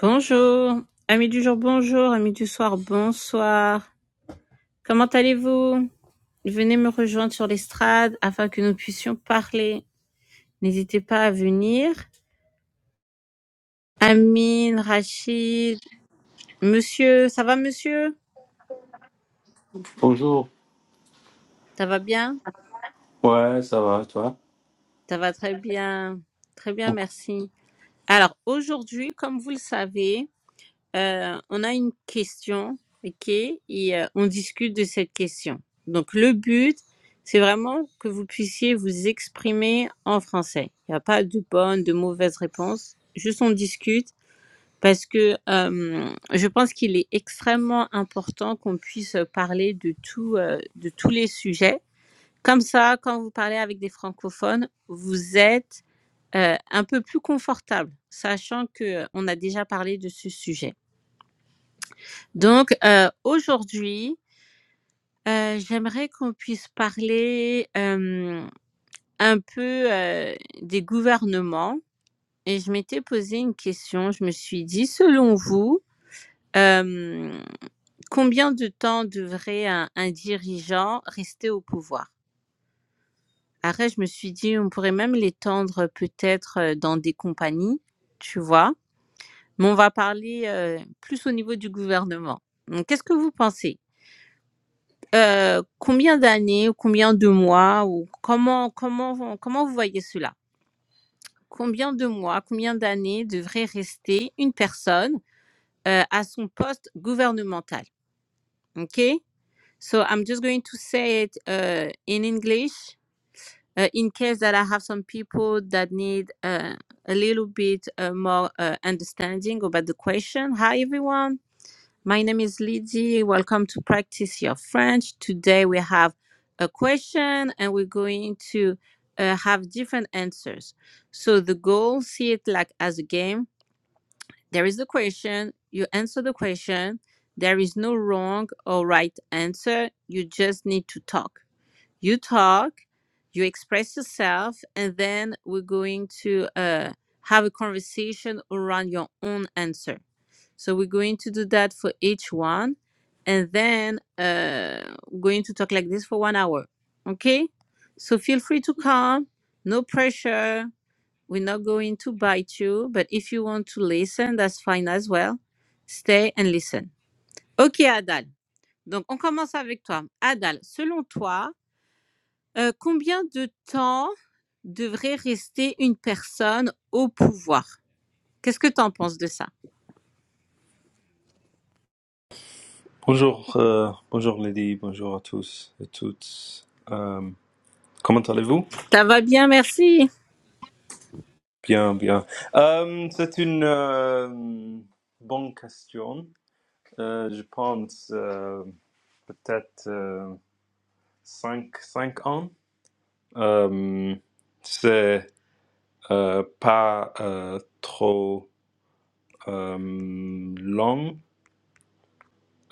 Bonjour, amis du jour, bonjour, amis du soir, bonsoir. Comment allez-vous Venez me rejoindre sur l'estrade afin que nous puissions parler. N'hésitez pas à venir. Amine, Rachid, monsieur, ça va monsieur Bonjour. Ça va bien Ouais, ça va, toi? Ça va très bien. Très bien, merci. Alors aujourd'hui, comme vous le savez, Euh, on a une question, ok, et euh, on discute de cette question. Donc le but, c'est vraiment que vous puissiez vous exprimer en français. Il n'y a pas de bonne, de mauvaise réponse. Juste on discute parce que euh, je pense qu'il est extrêmement important qu'on puisse parler de tout, euh, de tous les sujets. Comme ça, quand vous parlez avec des francophones, vous êtes euh, un peu plus confortable, sachant que euh, on a déjà parlé de ce sujet. Donc, heu, aujourd'hui, heu, j'aimerais qu'on puisse parler, hem, un peu, heu, des gouvernements et je m'étais posé une question. Je me suis dit: «Selon vous, hem, combien de temps devrait un un dirigeant rester au pouvoir?» après je me suis dit: «On pourrait même l'étendre peut-être, heu, dans des compagnies», tu vois? Mais on va parler, heu, plus au niveau du gouvernement. Donc qu'est-ce que vous pensez? Heu, combien d'années ou combien de mois ou comment comment comment vous voyez cela? Combien de mois, combien d'années devrait rester une personne, heu, à son poste gouvernemental? Okay? So, I'm just going to say it, uh, in English, uh, in case that I have some people that need, uh, a little bit, uh, more, uh, understanding about the question. Hi, everyone. My name is Lydie. Welcome to Practice Your French. Today we have a question and we're going to uh, have different answers. So the goal, see it like as a game. There is the question, you answer the question. There is no wrong or right answer. You just need to talk. You talk, you express yourself, and then we're going to uh, have a conversation around your own answer. So we're going to do that for each one. And then uh, going to talk like this for one hour. Okay? So feel free to come. No pressure. We're not going to bite you. But if you want to listen, that's fine as well. Stay and listen. Ok, Adal. Donc, on commence avec toi. Adal, selon toi, euh, combien de temps devrait rester une personne au pouvoir Qu'est-ce que tu en penses de ça Bonjour, euh, bonjour Lady, bonjour à tous et toutes. Euh, comment allez-vous? Ça va bien, merci. Bien, Ça bien. va, merci. Euh, c'est une euh, bonne question. Euh, je pense euh, peut-être euh, cinq, cinq ans. Euh, c'est euh, pas euh, trop euh, long,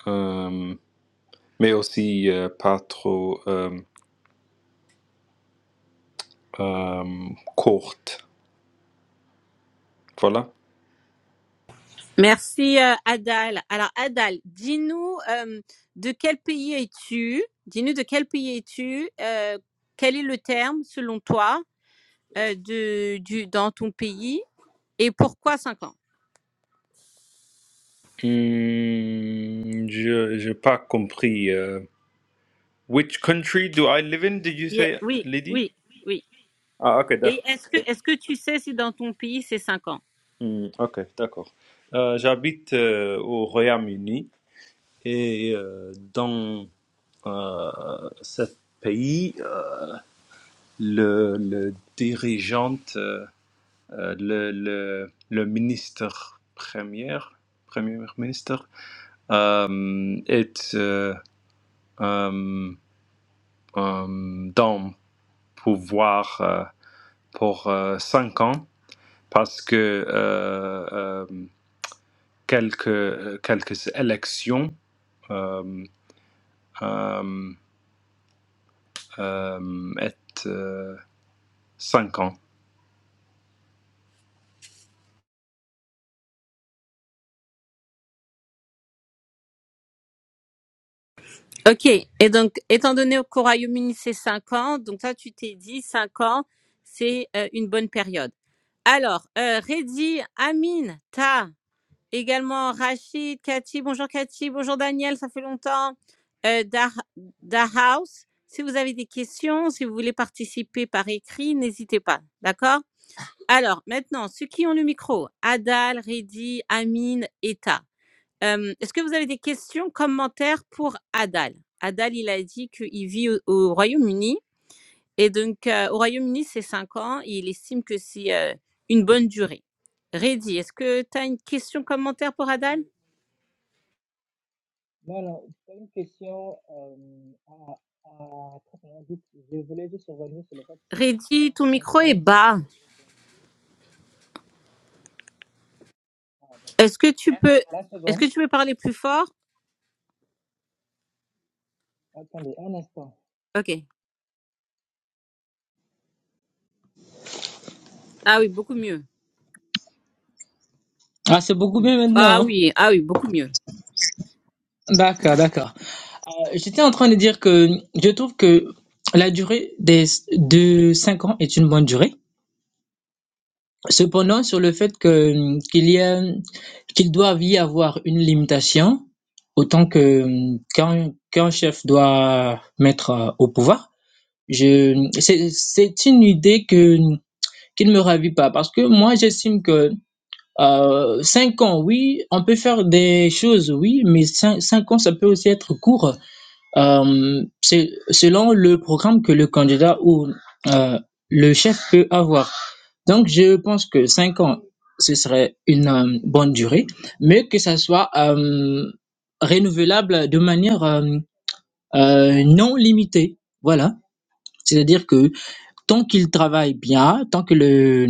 euh, mais aussi euh, pas trop euh, euh, courte. Voilà. Merci euh, Adal. Alors Adal, dis-nous euh, de quel pays es-tu Dis-nous de quel pays es-tu Euh, Quel est le terme selon toi euh, de du dans ton pays et pourquoi cinq ans Hmm, je j'ai pas compris. euh, which country do I live in? Did you Yeah, say, Oui, Lady? oui, oui. Ah, ok, Et d'accord. est-ce que est-ce que tu sais si dans ton pays c'est cinq ans Hmm, ok, d'accord. Euh, j'habite euh, au Royaume-Uni et euh, dans euh, ce pays, euh, le, le dirigeant, euh, euh, le, le, le ministre premier, premier ministre, euh, est euh, euh, euh, dans le pouvoir. euh, pour euh, cinq ans parce que euh, euh, quelques, quelques élections euh, euh, euh, est euh, cinq ans. Ok. Et donc étant donné qu'au Royaume-Uni c'est cinq ans, donc toi tu t'es dit cinq ans c'est euh, une bonne période. Alors euh, Reddy, Amine, Ta. Également Rachid, Cathy, bonjour Cathy, bonjour Daniel, ça fait longtemps. Euh, Da Da Mhm. House, si vous avez des questions, si vous voulez participer par écrit, n'hésitez pas, d'accord Alors, maintenant, ceux qui ont le micro, Adal, Reddy, Amine, Eta, Euh, est-ce que vous avez des questions, commentaires pour Adal Adal, il a dit qu'il vit au, au Royaume-Uni, et donc euh, au Royaume-Uni, c'est 5 ans, et il estime que c'est euh, une bonne durée. Reddy, est-ce que tu as une question, commentaire pour Oui. Adal Non, non, c'est une question euh, à, à très bien dite. Je voulais juste revenir sur le fait que Reddy, ton micro est 50, c'est... bas. Ah, d'accord. Est-ce que tu peux, Là, c'est est-ce bon. que tu peux parler plus fort? Attendez, un instant. Ok. Ah oui, beaucoup mieux. Ah, c'est beaucoup mieux maintenant. Ah hein oui, ah oui, beaucoup mieux. D'accord, d'accord. Euh, j'étais en train de dire que je trouve que la durée des, de 5 ans est une bonne durée. Cependant, sur le fait que qu'il y a qu'il doive y avoir une limitation, autant que quand qu'un chef doit mettre euh, au pouvoir, je c'est c'est une idée que qui ne me ravit pas parce que moi j'estime que euh, cinq ans, oui, on peut faire des choses, oui, mais cinq, cinq ans, ça peut aussi être court. Euh, c'est selon le programme que le candidat ou euh, le chef peut avoir. Donc, je pense que 5 ans, ce serait une euh, bonne durée, mais que ça soit euh, renouvelable de manière euh, euh, non limitée. Voilà. C'est-à-dire que tant qu'il travaille bien, tant que le,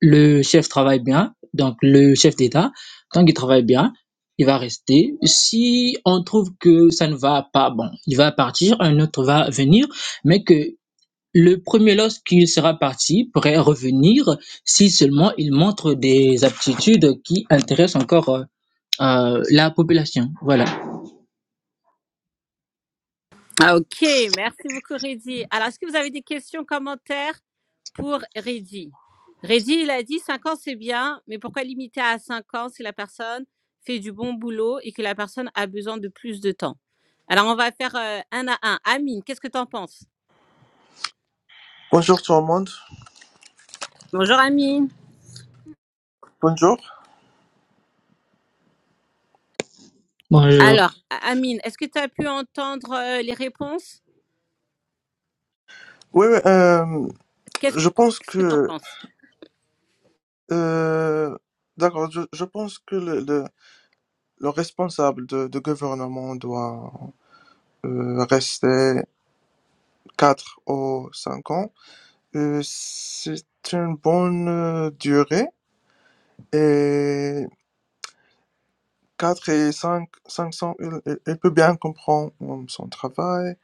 le chef travaille bien, donc le chef d'État, tant qu'il travaille bien, il va rester. Si on trouve que ça ne va pas, bon, il va partir, un autre va venir, mais que le premier lorsqu'il sera parti pourrait revenir si seulement il montre des aptitudes qui intéressent encore euh, euh, la population. Voilà. Ah ok, merci beaucoup Reddy. Alors, est-ce que vous avez des questions, commentaires pour Reddy? Reddy, il a dit 5 ans c'est bien, mais pourquoi limiter à 5 ans si la personne fait du bon boulot et que la personne a besoin de plus de temps? Alors, on va faire euh, un à un. Amine, qu'est-ce que tu en penses? Bonjour tout le monde. Bonjour Amine. Bonjour. Bonjour. Alors, A- Amine, est-ce que tu as pu entendre euh, les réponses? Oui, oui, euh, Qu'est-ce je pense qu'est-ce que tu en que penses euh, d'accord. Je, je pense que le, le, le responsable de, de gouvernement doit euh, rester quatre ou cinq ans. Euh, c'est une bonne euh, durée et quatre et cinq, 500, il, il il peut bien comprendre euh, son travail.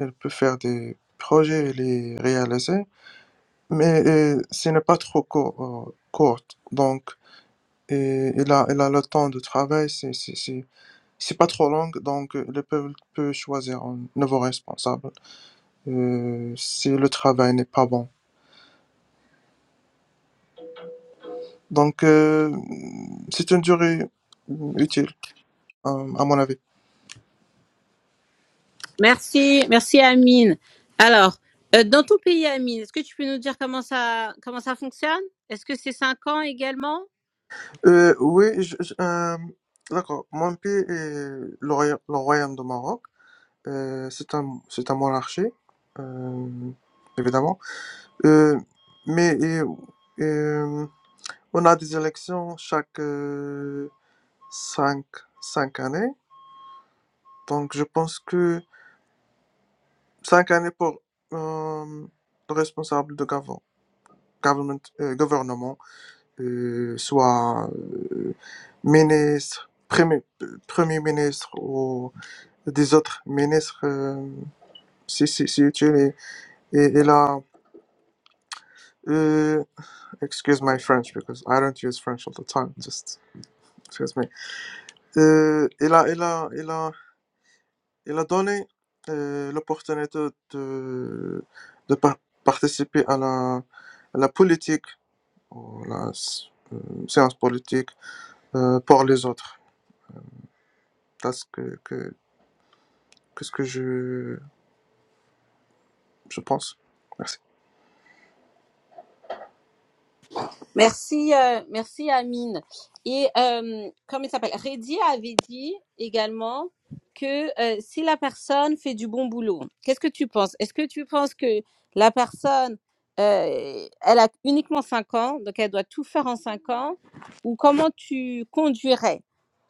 Il peut faire des projets et les réaliser, mais euh, ce n'est pas trop court. euh, courte. Donc Et il a, il a le temps de travail, c'est c'est- c'est- c'est pas trop long, donc euh, le peuple peut choisir un nouveau responsable euh, si le travail n'est pas bon. Donc, euh, c'est une durée euh, utile, euh, à mon avis. Merci, merci Amine. Alors, euh, dans ton pays, Amine, est-ce que tu peux nous dire comment ça, comment ça fonctionne Est-ce que c'est cinq ans également Euh, oui, je- je- euh, d'accord. Mon pays est le, roya- le royaume de Maroc. Euh, c'est un, c'est un monarchie, euh, évidemment. Euh, mais euh, euh, on a des élections chaque... euh, cinq, cinq années. Donc, je pense que cinq années pour euh, le responsable de gov- government, euh, gouvernement, euh, soit euh, ministre, premier, euh, premier ministre ou des autres ministres, euh, si, si, si tu Et, et, et là, euh, excuse my French because I don't use French all the time, just excuse me. Euh, il a, il a, il a Il a donné euh, l'opportunité de, de par- participer à la, à la politique, ou la s- euh, séance politique euh, pour les autres. C'est ce que, que, que ce que je, je pense. Merci. Merci, euh, merci Amine. Et euh, comment il s'appelle Reddy avait dit également que euh, si la personne fait du bon boulot, qu'est-ce que tu penses Est-ce que tu penses que la personne, euh, elle a uniquement 5 ans, donc elle doit tout faire en 5 ans Ou comment tu conduirais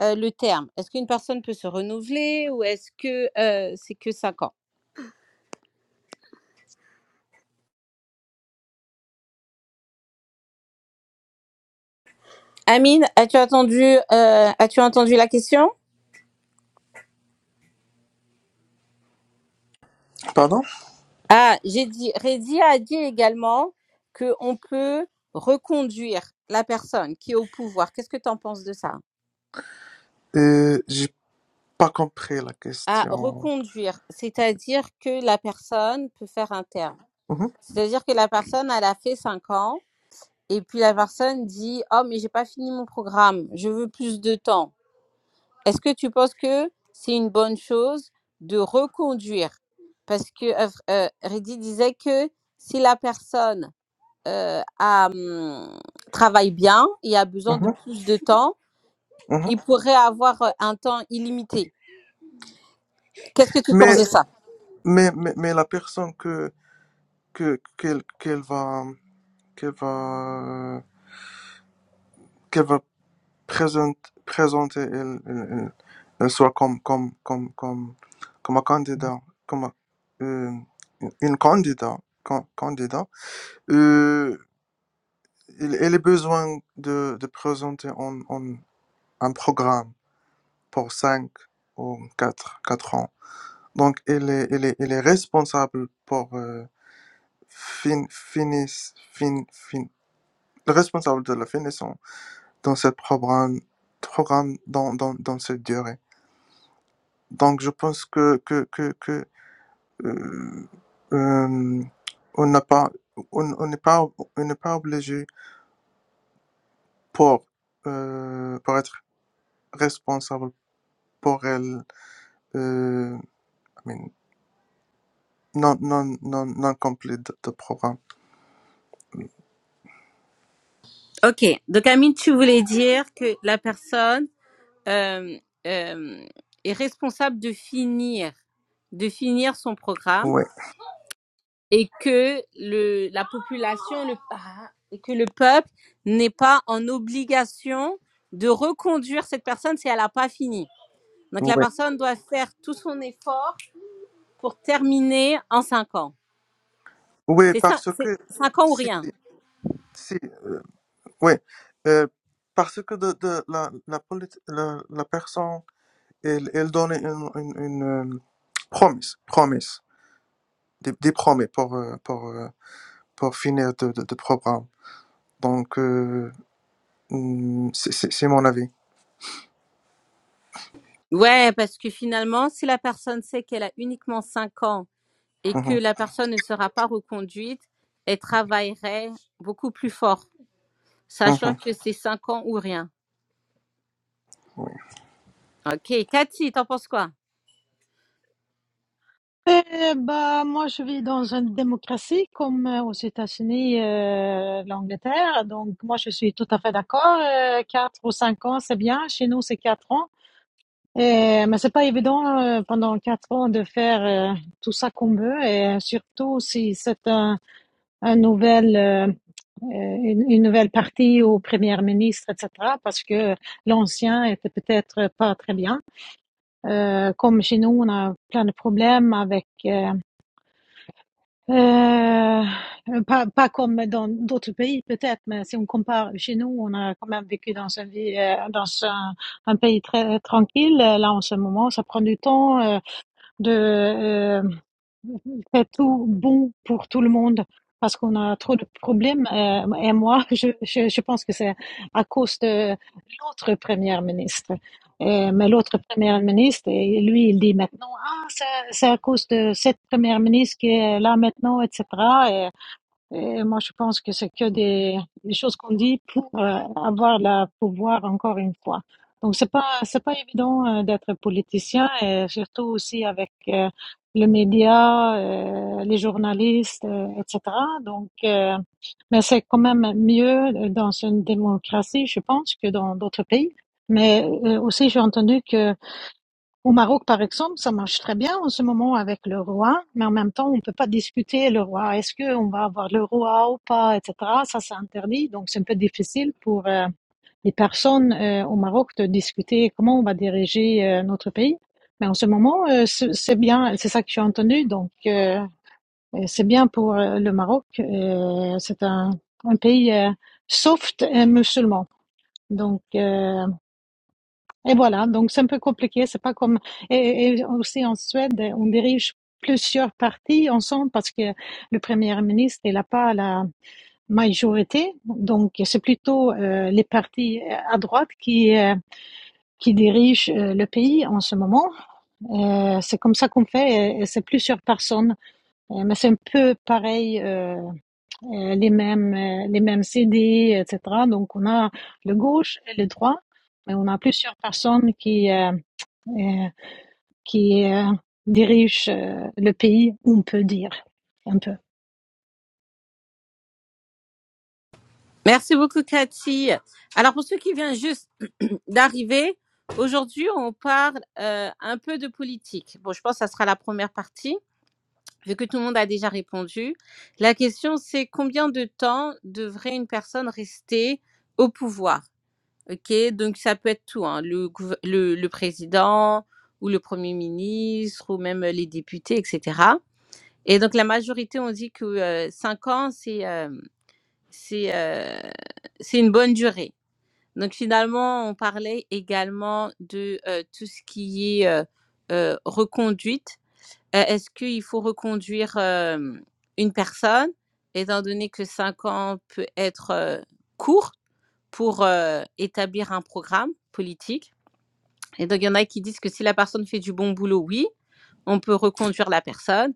euh, le terme Est-ce qu'une personne peut se renouveler ou est-ce que euh, c'est que 5 ans Amine, as-tu entendu, euh, as-tu entendu la question Pardon Ah, j'ai dit, Reddy a dit également qu'on peut reconduire la personne qui est au pouvoir. Qu'est-ce que tu en penses de ça? euh, J'ai pas compris la Ah, question. reconduire, c'est-à-dire que la personne peut faire un terme. Mhm, C'est-à-dire que la personne, elle a fait cinq ans et puis la personne dit, oh, mais j'ai pas fini mon programme, je veux plus de temps. Est-ce que tu penses que c'est une bonne chose de reconduire? Parce que euh, euh, Reddy disait que si la personne euh, à, hum, travaille bien et a besoin de mhm, plus de temps, mhm. il pourrait avoir euh, un temps illimité. Qu'est-ce que tu penses Mais, de ça mais, mais, mais la personne que, que, qu'elle, qu'elle va, qu'elle va, qu'elle va présente, présenter il, il, il- il soit comme, comme, comme, comme, comme un candidat, comme un- euh, une candidat, can- candidat. Euh, il, il a besoin de, de présenter un, un, un programme pour 5 ou 4 quatre ans. Donc, il est, il est, il est responsable pour euh, fin, finis, fin, fin, responsable de la finition dans ce programme, programme dans, dans, dans cette durée. Donc, je pense que, que, que, que euh, euh, on n'a pas, on, on n'est pas, on n'est pas obligé pour, euh, pour être responsable pour elle, euh, I mean, non, non, non, non complet de, de programme. Ok, donc Amine, tu voulais dire que la personne euh, euh, est responsable de finir, de finir son programme ouais et que le, la population, le, ah, et que le peuple n'est pas en obligation de reconduire cette personne si elle n'a pas fini. Donc la ouais personne doit faire tout son effort pour terminer en cinq ans. ouais C'est ça, parce c'est que cinq ans ou si, rien. si, euh, oui, euh, parce que de, de la, la, politi- la, la personne, elle, elle donne une, une, une euh, promesse, promesse. des, des promesses pour, euh, pour, euh, pour finir de, de, de programme. Donc, euh, hmm, c'est c'est- c'est mon avis. Ouais, parce que finalement, si la personne sait qu'elle a uniquement cinq ans et que Mhm, la personne ne sera pas reconduite, elle travaillerait beaucoup plus fort, sachant mhm. que c'est cinq ans ou rien. Ok, Cathy, t'en penses quoi Eh bah, moi, je vis dans une démocratie comme euh, aux États-Unis, euh, l'Angleterre. Donc, moi, je suis tout à fait d'accord. Euh, quatre ou cinq ans, c'est bien. Chez nous, c'est quatre ans. Et, mais c'est pas évident euh, pendant quatre ans de faire euh, tout ça qu'on veut. Et surtout si c'est un, un nouvel, euh, euh, une, une nouvelle partie au premier ministre, etc. Parce que l'ancien était peut-être pas très bien. Euh, comme chez nous, on a plein de problèmes avec Euh, pas, pas comme dans d'autres pays peut-être, mais si on compare chez nous, on a quand même vécu dans un, vie- euh, dans un, un pays très tranquille. Euh, Là, en ce moment, ça prend du temps. euh, de euh, faire tout bon pour tout le monde parce qu'on a trop de problèmes. Euh, et moi, je, je, je pense que c'est à cause de l'autre première ministre. Euh, mais l'autre première ministre, et lui, il dit maintenant, ah, c'est c'est à cause de cette première ministre qui est là maintenant, etc. Et moi, je pense que c'est que des, des choses qu'on dit pour euh, avoir le pouvoir encore une fois. Donc, c'est pas, c'est pas évident euh, d'être politicien et surtout aussi avec euh, les médias, euh, les journalistes, euh, etc. Donc, euh, mais c'est quand même mieux euh, dans une démocratie, je pense, que dans d'autres pays. Mais euh, aussi, j'ai entendu que au Maroc, par exemple, ça marche très bien en ce moment avec le roi, mais en même temps, on ne peut pas discuter le roi. Est-ce qu'on va avoir le roi ou pas, etc. Ça, c'est interdit. Donc, c'est un peu difficile pour euh, les personnes euh, au Maroc de discuter comment on va diriger euh, notre pays. Mais en ce moment, euh, c'est c'est bien, c'est ça que j'ai entendu. Donc, euh, c'est bien pour euh, le Maroc. Euh, c'est un, un pays euh, soft et musulman. Donc, euh, et voilà, donc c'est un peu compliqué, c'est pas comme et, et aussi en Suède, on dirige plusieurs partis ensemble parce que le premier ministre il n'a pas la majorité, donc c'est plutôt euh, les partis euh, à droite qui euh, qui dirigent euh, le pays en ce moment. Euh, c'est comme ça qu'on fait, et, et c'est plusieurs personnes, Euh, mais c'est un peu pareil, euh, euh, les mêmes euh, les mêmes idées, etc. Donc on a le gauche et le droit, mais on a plusieurs personnes qui euh, euh, qui euh, dirige euh, le pays, on peut dire un peu. Merci beaucoup, Cathy. Alors, pour ceux qui viennent juste d'arriver, aujourd'hui, on parle euh, un peu de politique. Bon, je pense que ça sera la première partie. vu que tout le monde a déjà répondu, la question c'est combien de temps devrait une personne rester au pouvoir Ok, donc ça peut être tout, hein, le, gouver- le, le président ou le premier ministre ou même euh, les députés, etc. Et donc la majorité ont dit que euh, cinq ans c'est euh, c'est euh, c'est une bonne durée. Donc finalement on parlait également de euh, tout ce qui est euh, euh, reconduite euh, Est-ce qu'il faut reconduire euh, une personne, étant donné que cinq ans peut être euh, court pour euh, établir un programme politique et donc, il y en a qui disent que si la personne fait du bon boulot, oui, on peut reconduire la personne.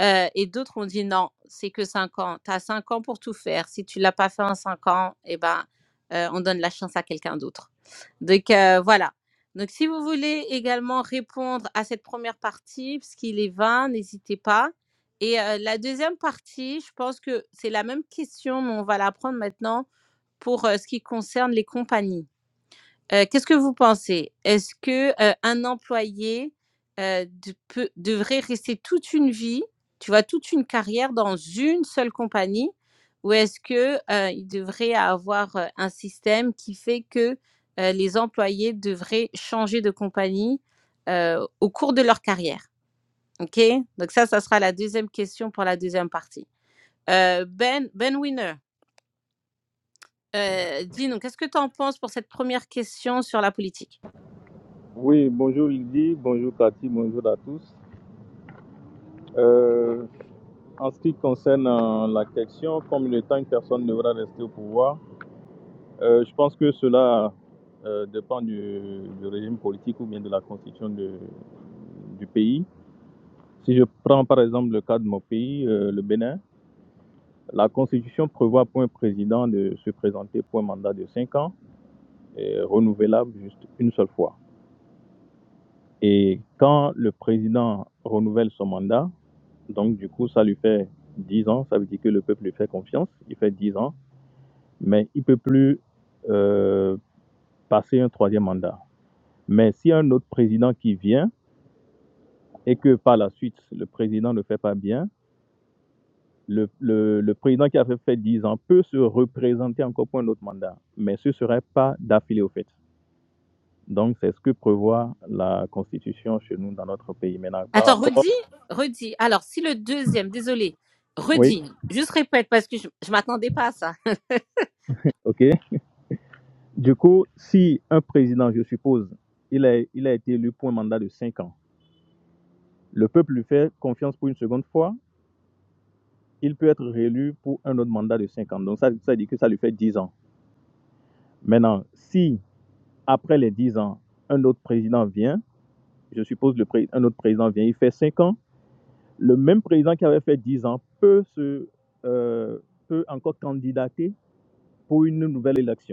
Euh, et d'autres ont dit non, c'est que 5 ans. Tu as 5 ans pour tout faire. Si tu l'as pas fait en 5 ans, eh ben, euh, on donne la chance à quelqu'un d'autre. Donc, euh, voilà. Donc, si vous voulez également répondre à cette première partie, puisqu'il est 20, n'hésitez pas. Et euh, la deuxième partie, je pense que c'est la même question, mais on va la prendre maintenant pour euh, ce qui concerne les compagnies. Euh, qu'est-ce que vous pensez Est-ce que euh, un employé euh, de- peut- devrait rester toute une vie, tu vois, toute une carrière dans une seule compagnie, ou est-ce que euh, il devrait avoir euh, un système qui fait que euh, les employés devraient changer de compagnie euh, au cours de leur carrière Ok Donc ça, ça sera la deuxième question pour la deuxième partie. Euh, ben, Ben Winner, euh, dis-nous, qu'est-ce que tu en penses pour cette première question sur la politique Oui, bonjour Lydie, bonjour Cathy, bonjour à tous. Euh, en ce qui concerne euh, la question, combien de temps une personne devra rester au pouvoir, euh, je pense que cela euh, dépend du, du régime politique ou bien de la constitution de- du pays. Si je prends par exemple le cas de mon pays, euh, le Bénin, la constitution prévoit pour un président de se présenter pour un mandat de 5 ans et renouvelable juste une seule fois. Et quand le président renouvelle son mandat, donc du coup, ça lui fait 10 ans, ça veut dire que le peuple lui fait confiance, il fait 10 ans, mais il ne peut plus euh, passer un troisième mandat. Mais si un autre président qui vient et que par la suite, le président ne fait pas bien, le, le- le président qui a fait 10 ans peut se représenter encore pour un autre mandat, mais ce ne serait pas d'affilée au fait. Donc, c'est ce que prévoit la Constitution chez nous dans notre pays. Maintenant, par Attends, rapport. redis, redis. Alors, si le deuxième, désolé, Oui, redis, juste répète parce que je, je m'attendais pas à ça. OK. Du coup, si un président, je suppose, il a, il a été élu pour un mandat de 5 ans, le peuple lui fait confiance pour une seconde fois, il peut être réélu pour un autre mandat de 5 ans. Donc ça, ça dit que ça lui fait dix ans. Maintenant, si après les 10 ans, un autre président vient, je suppose le pré- un autre président vient, il fait 5 ans, le même président qui avait fait 10 ans peut, se, euh, peut encore candidater pour une nouvelle élection.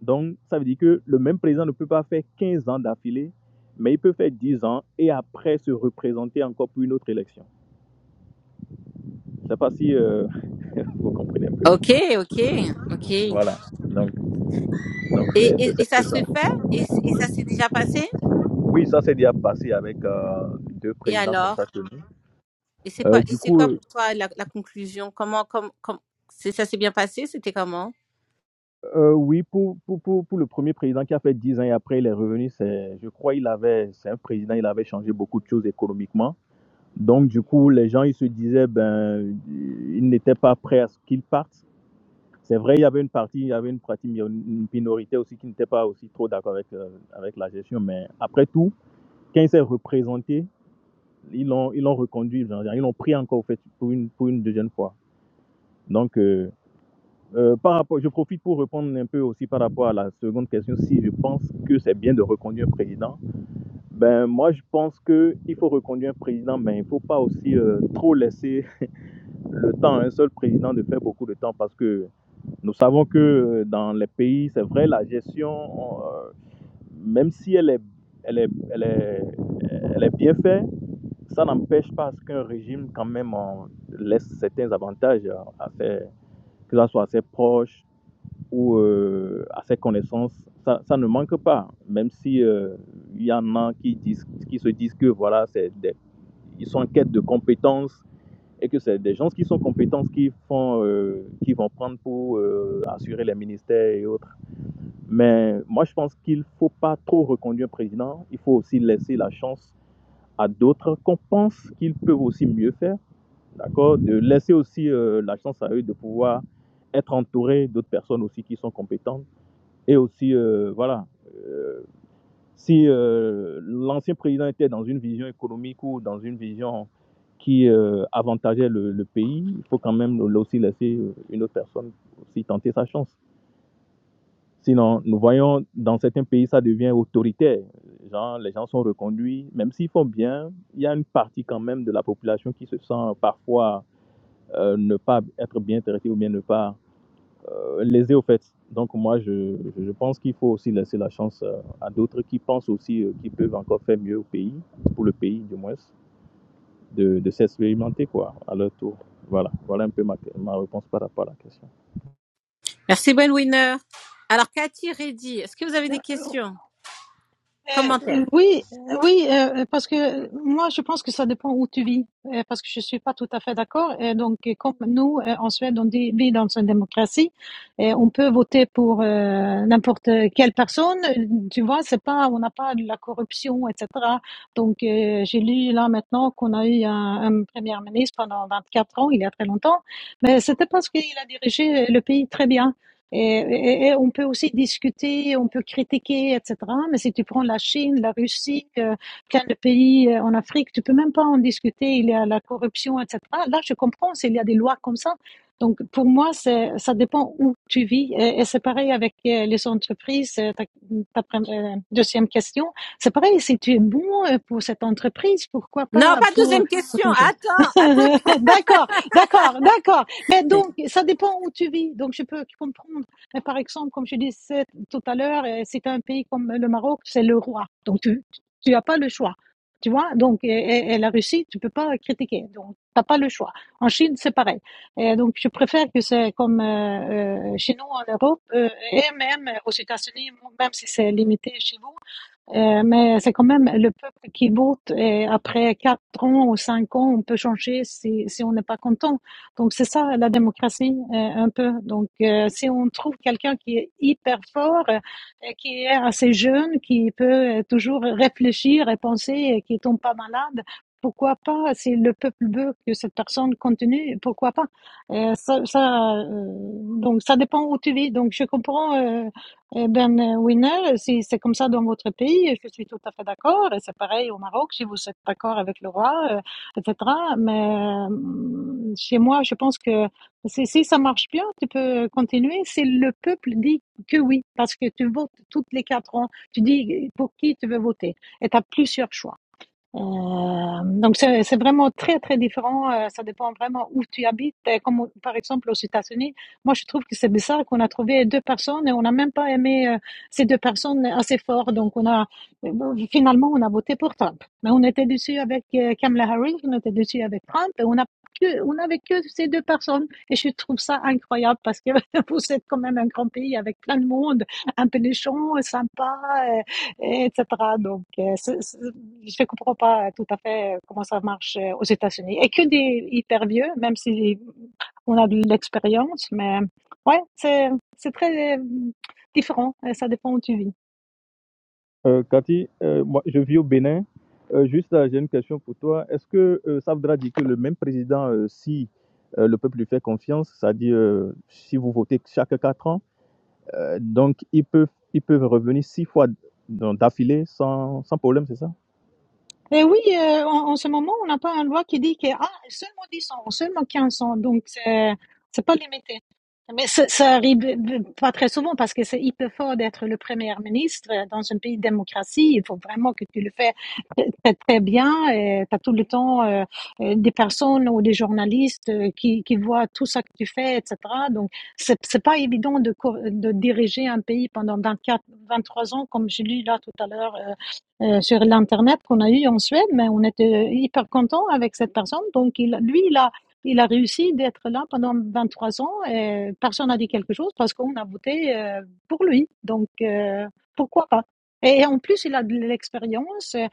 Donc, ça veut dire que le même président ne peut pas faire 15 ans d'affilée, mais il peut faire 10 ans et après se représenter encore pour une autre élection. Je ne sais pas si euh, vous comprenez un peu. Ok, ok, ok. Et, Voilà. Donc, donc et, c'est c'est- et un ça peu se ça. fait et, c- et ça s'est déjà passé Oui, ça s'est déjà passé avec euh, deux Et présidents comme alors ça chez nous. Et c'est quoi Euh, Et du c'est coup, quoi euh, pour toi la, la conclusion Comment comme comme c'est ça s'est bien passé C'était comment euh, oui, pour, pour, pour, pour le premier président qui a fait 10 ans et après il est revenu, c'est, je crois il avait, c'est un président, il avait changé beaucoup de choses économiquement. Donc, du coup, les gens, ils se disaient, ben, ils n'étaient pas prêts à ce qu'il parte. C'est vrai, il y avait une partie, il y avait une partie, mi- une minorité aussi qui n'était pas aussi trop d'accord avec, euh, avec la gestion, mais après tout, quand il s'est représenté, ils l'ont, ils l'ont reconduit, ils l'ont pris encore au fait pour une, pour une deuxième fois. Donc, euh, euh, par rapport, je profite pour répondre un peu aussi par rapport à la seconde question, si je pense que c'est bien de reconduire un président. Ben, moi, je pense que il faut reconduire un président, mais il faut pas aussi euh, trop laisser le temps à un seul président de faire beaucoup de temps parce que Nous savons que euh, dans les pays, c'est vrai, la gestion, euh, même si elle est, elle est, elle est, elle est bien faite, ça n'empêche pas ce qu'un régime, quand même, en laisse certains avantages à, à ses- que ça soit à ses proches ou euh, à ses connaissances. Ça, ça ne manque pas, même si euh, il y en a qui, disent, qui se disent que voilà, c'est des- ils sont en quête de compétences et que c'est des gens qui sont compétents qui, font, euh, qui vont prendre pour euh, assurer les ministères et autres. Mais moi, je pense qu'il ne faut pas trop reconduire un président. Il faut aussi laisser la chance à d'autres qu'on pense qu'ils peuvent aussi mieux faire. D'accord De laisser aussi euh, la chance à eux de pouvoir être entourés d'autres personnes aussi qui sont compétentes et aussi, euh, voilà, euh, si euh, l'ancien président était dans une vision économique ou dans une vision qui euh, avantageait le, le pays, il faut quand même là aussi laisser euh, une autre personne aussi tenter sa chance. Sinon, nous voyons dans certains pays, ça devient autoritaire. Genre, les gens sont reconduits, même s'ils font bien, il y a une partie quand même de la population qui se sent parfois euh, ne pas être bien traitée ou bien ne pas lésé au fait. Donc moi, je, je pense qu'il faut aussi laisser la chance euh, à d'autres qui pensent aussi euh, qu'ils peuvent encore faire mieux au pays, pour le pays du moins, de, de s'expérimenter quoi, à leur tour. Voilà, voilà un peu ma, ma réponse par rapport à la question. Merci Ben Winner. Alors Cathy Reddy, est-ce que vous avez des questions Euh, Commentaires Oui, euh, oui, euh, parce que moi, je pense que ça dépend où tu vis, euh, parce que je suis pas tout à fait d'accord. Et donc, euh, comme nous, euh, en Suède, on dit- vit dans une démocratie, et on peut voter pour euh, n'importe quelle personne. Tu vois, c'est pas, on n'a pas de la corruption, etc. Donc, euh, j'ai lu là maintenant qu'on a eu un, un premier ministre pendant 24 ans, il y a très longtemps, mais c'était parce qu'il a dirigé le pays très bien. Et, et- et on peut aussi discuter, on peut critiquer, etc. Mais si tu prends la Chine, la Russie, euh, plein de pays euh, en Afrique, tu peux même pas en discuter. Il y a la corruption, etc. Là, je comprends s'il y a des lois comme ça. Donc, pour moi, c'est, ça dépend où tu vis. Et, et c'est pareil avec euh, les entreprises. euh, Ta, ta pre- euh, deuxième question, c'est pareil. Si tu es bon euh, pour cette entreprise, pourquoi Non, pas pas de pour, deuxième pour question. ton jeu? Attends, attends. d'accord, d'accord, d'accord. Mais donc, ça dépend où tu vis. Donc, je peux comprendre mais par exemple, comme je disais tout à l'heure, euh, c'est un pays comme le Maroc, c'est le roi. Donc, tu tu n'as pas le choix. Tu vois, donc, et, et- et la Russie, tu peux pas critiquer. Donc, t'as pas le choix. En Chine, c'est pareil. Et donc, je préfère que c'est comme euh, euh, chez nous en Europe euh, et même aux États-Unis, même si c'est limité chez vous, euh, mais c'est quand même le peuple qui vote et après quatre ans ou cinq ans, on peut changer si, si on n'est pas content. Donc c'est ça la démocratie euh, un peu. Donc euh, si on trouve quelqu'un qui est hyper fort, euh, et qui est assez jeune, qui peut euh, toujours réfléchir et penser et qui tombe pas malade. Pourquoi pas, si le peuple veut que cette personne continue, pourquoi pas? Euh, ça, ça, euh, donc ça dépend où tu vis. Donc je comprends euh, eh ben, euh, Winner, si c'est comme ça dans votre pays, je suis tout à fait d'accord. Et c'est pareil au Maroc, si vous êtes d'accord avec le roi, euh, etc. Mais euh, chez moi, je pense que si, si ça marche bien, tu peux continuer. Si le peuple dit que oui, parce que tu votes toutes les quatre ans, tu dis pour qui tu veux voter. Et tu as plusieurs choix. Euh, donc c'est c'est vraiment très très différent. Euh, ça dépend vraiment où tu habites. Et comme au- par exemple aux États-Unis, moi je trouve que c'est bizarre qu'on a trouvé deux personnes et on n'a même pas aimé euh, ces deux personnes assez fort. Donc on a euh, finalement on a voté pour Trump. Mais on était dessus avec euh, Kamala Harris, on était dessus avec Trump et on a que on avait que ces deux personnes. Et je trouve ça incroyable parce que vous êtes quand même un grand pays avec plein de monde, un peu méchant, sympa, euh, et etc. Donc, euh, c'est- c'est- je ne comprends pas tout à fait euh, comment ça marche euh, aux États-Unis. Et que des hyper vieux, même si on a de l'expérience, mais ouais, c'est c'est très euh, différent. euh, Ça dépend où tu vis. Euh, Cathy, euh, moi, je vis au Bénin. Euh, juste, là, j'ai une question pour toi. Est-ce que euh, ça voudra dire que le même président, euh, si euh, le peuple lui fait confiance, c'est-à-dire euh, si vous votez chaque quatre ans, euh, donc ils peuvent, ils peuvent revenir six fois d'affilée sans, sans problème, c'est ça Et oui, euh, en, en ce moment, on n'a pas une loi qui dit que ah, seulement 10 ans, seulement 15 ans, donc c'est c'est pas limité. Mais ça, ça arrive euh, pas très souvent parce que c'est hyper fort d'être le premier ministre euh, dans un pays de démocratie. Il faut vraiment que tu le fais euh, très, très bien. et Tu as tout le temps euh, euh, des personnes ou des journalistes euh, qui, qui voient tout ça que tu fais, etc. Donc, c'est c'est pas évident de, co- de diriger un pays pendant 24, 23 ans, comme je lis là tout à l'heure euh, euh, sur l'internet qu'on a eu en Suède, mais on était hyper content avec cette personne. Donc il, lui, il a, il a réussi d'être là pendant 23 ans et personne n'a dit quelque chose parce qu'on a voté euh, pour lui. Donc euh, pourquoi pas et en plus, il a de l'expérience, euh,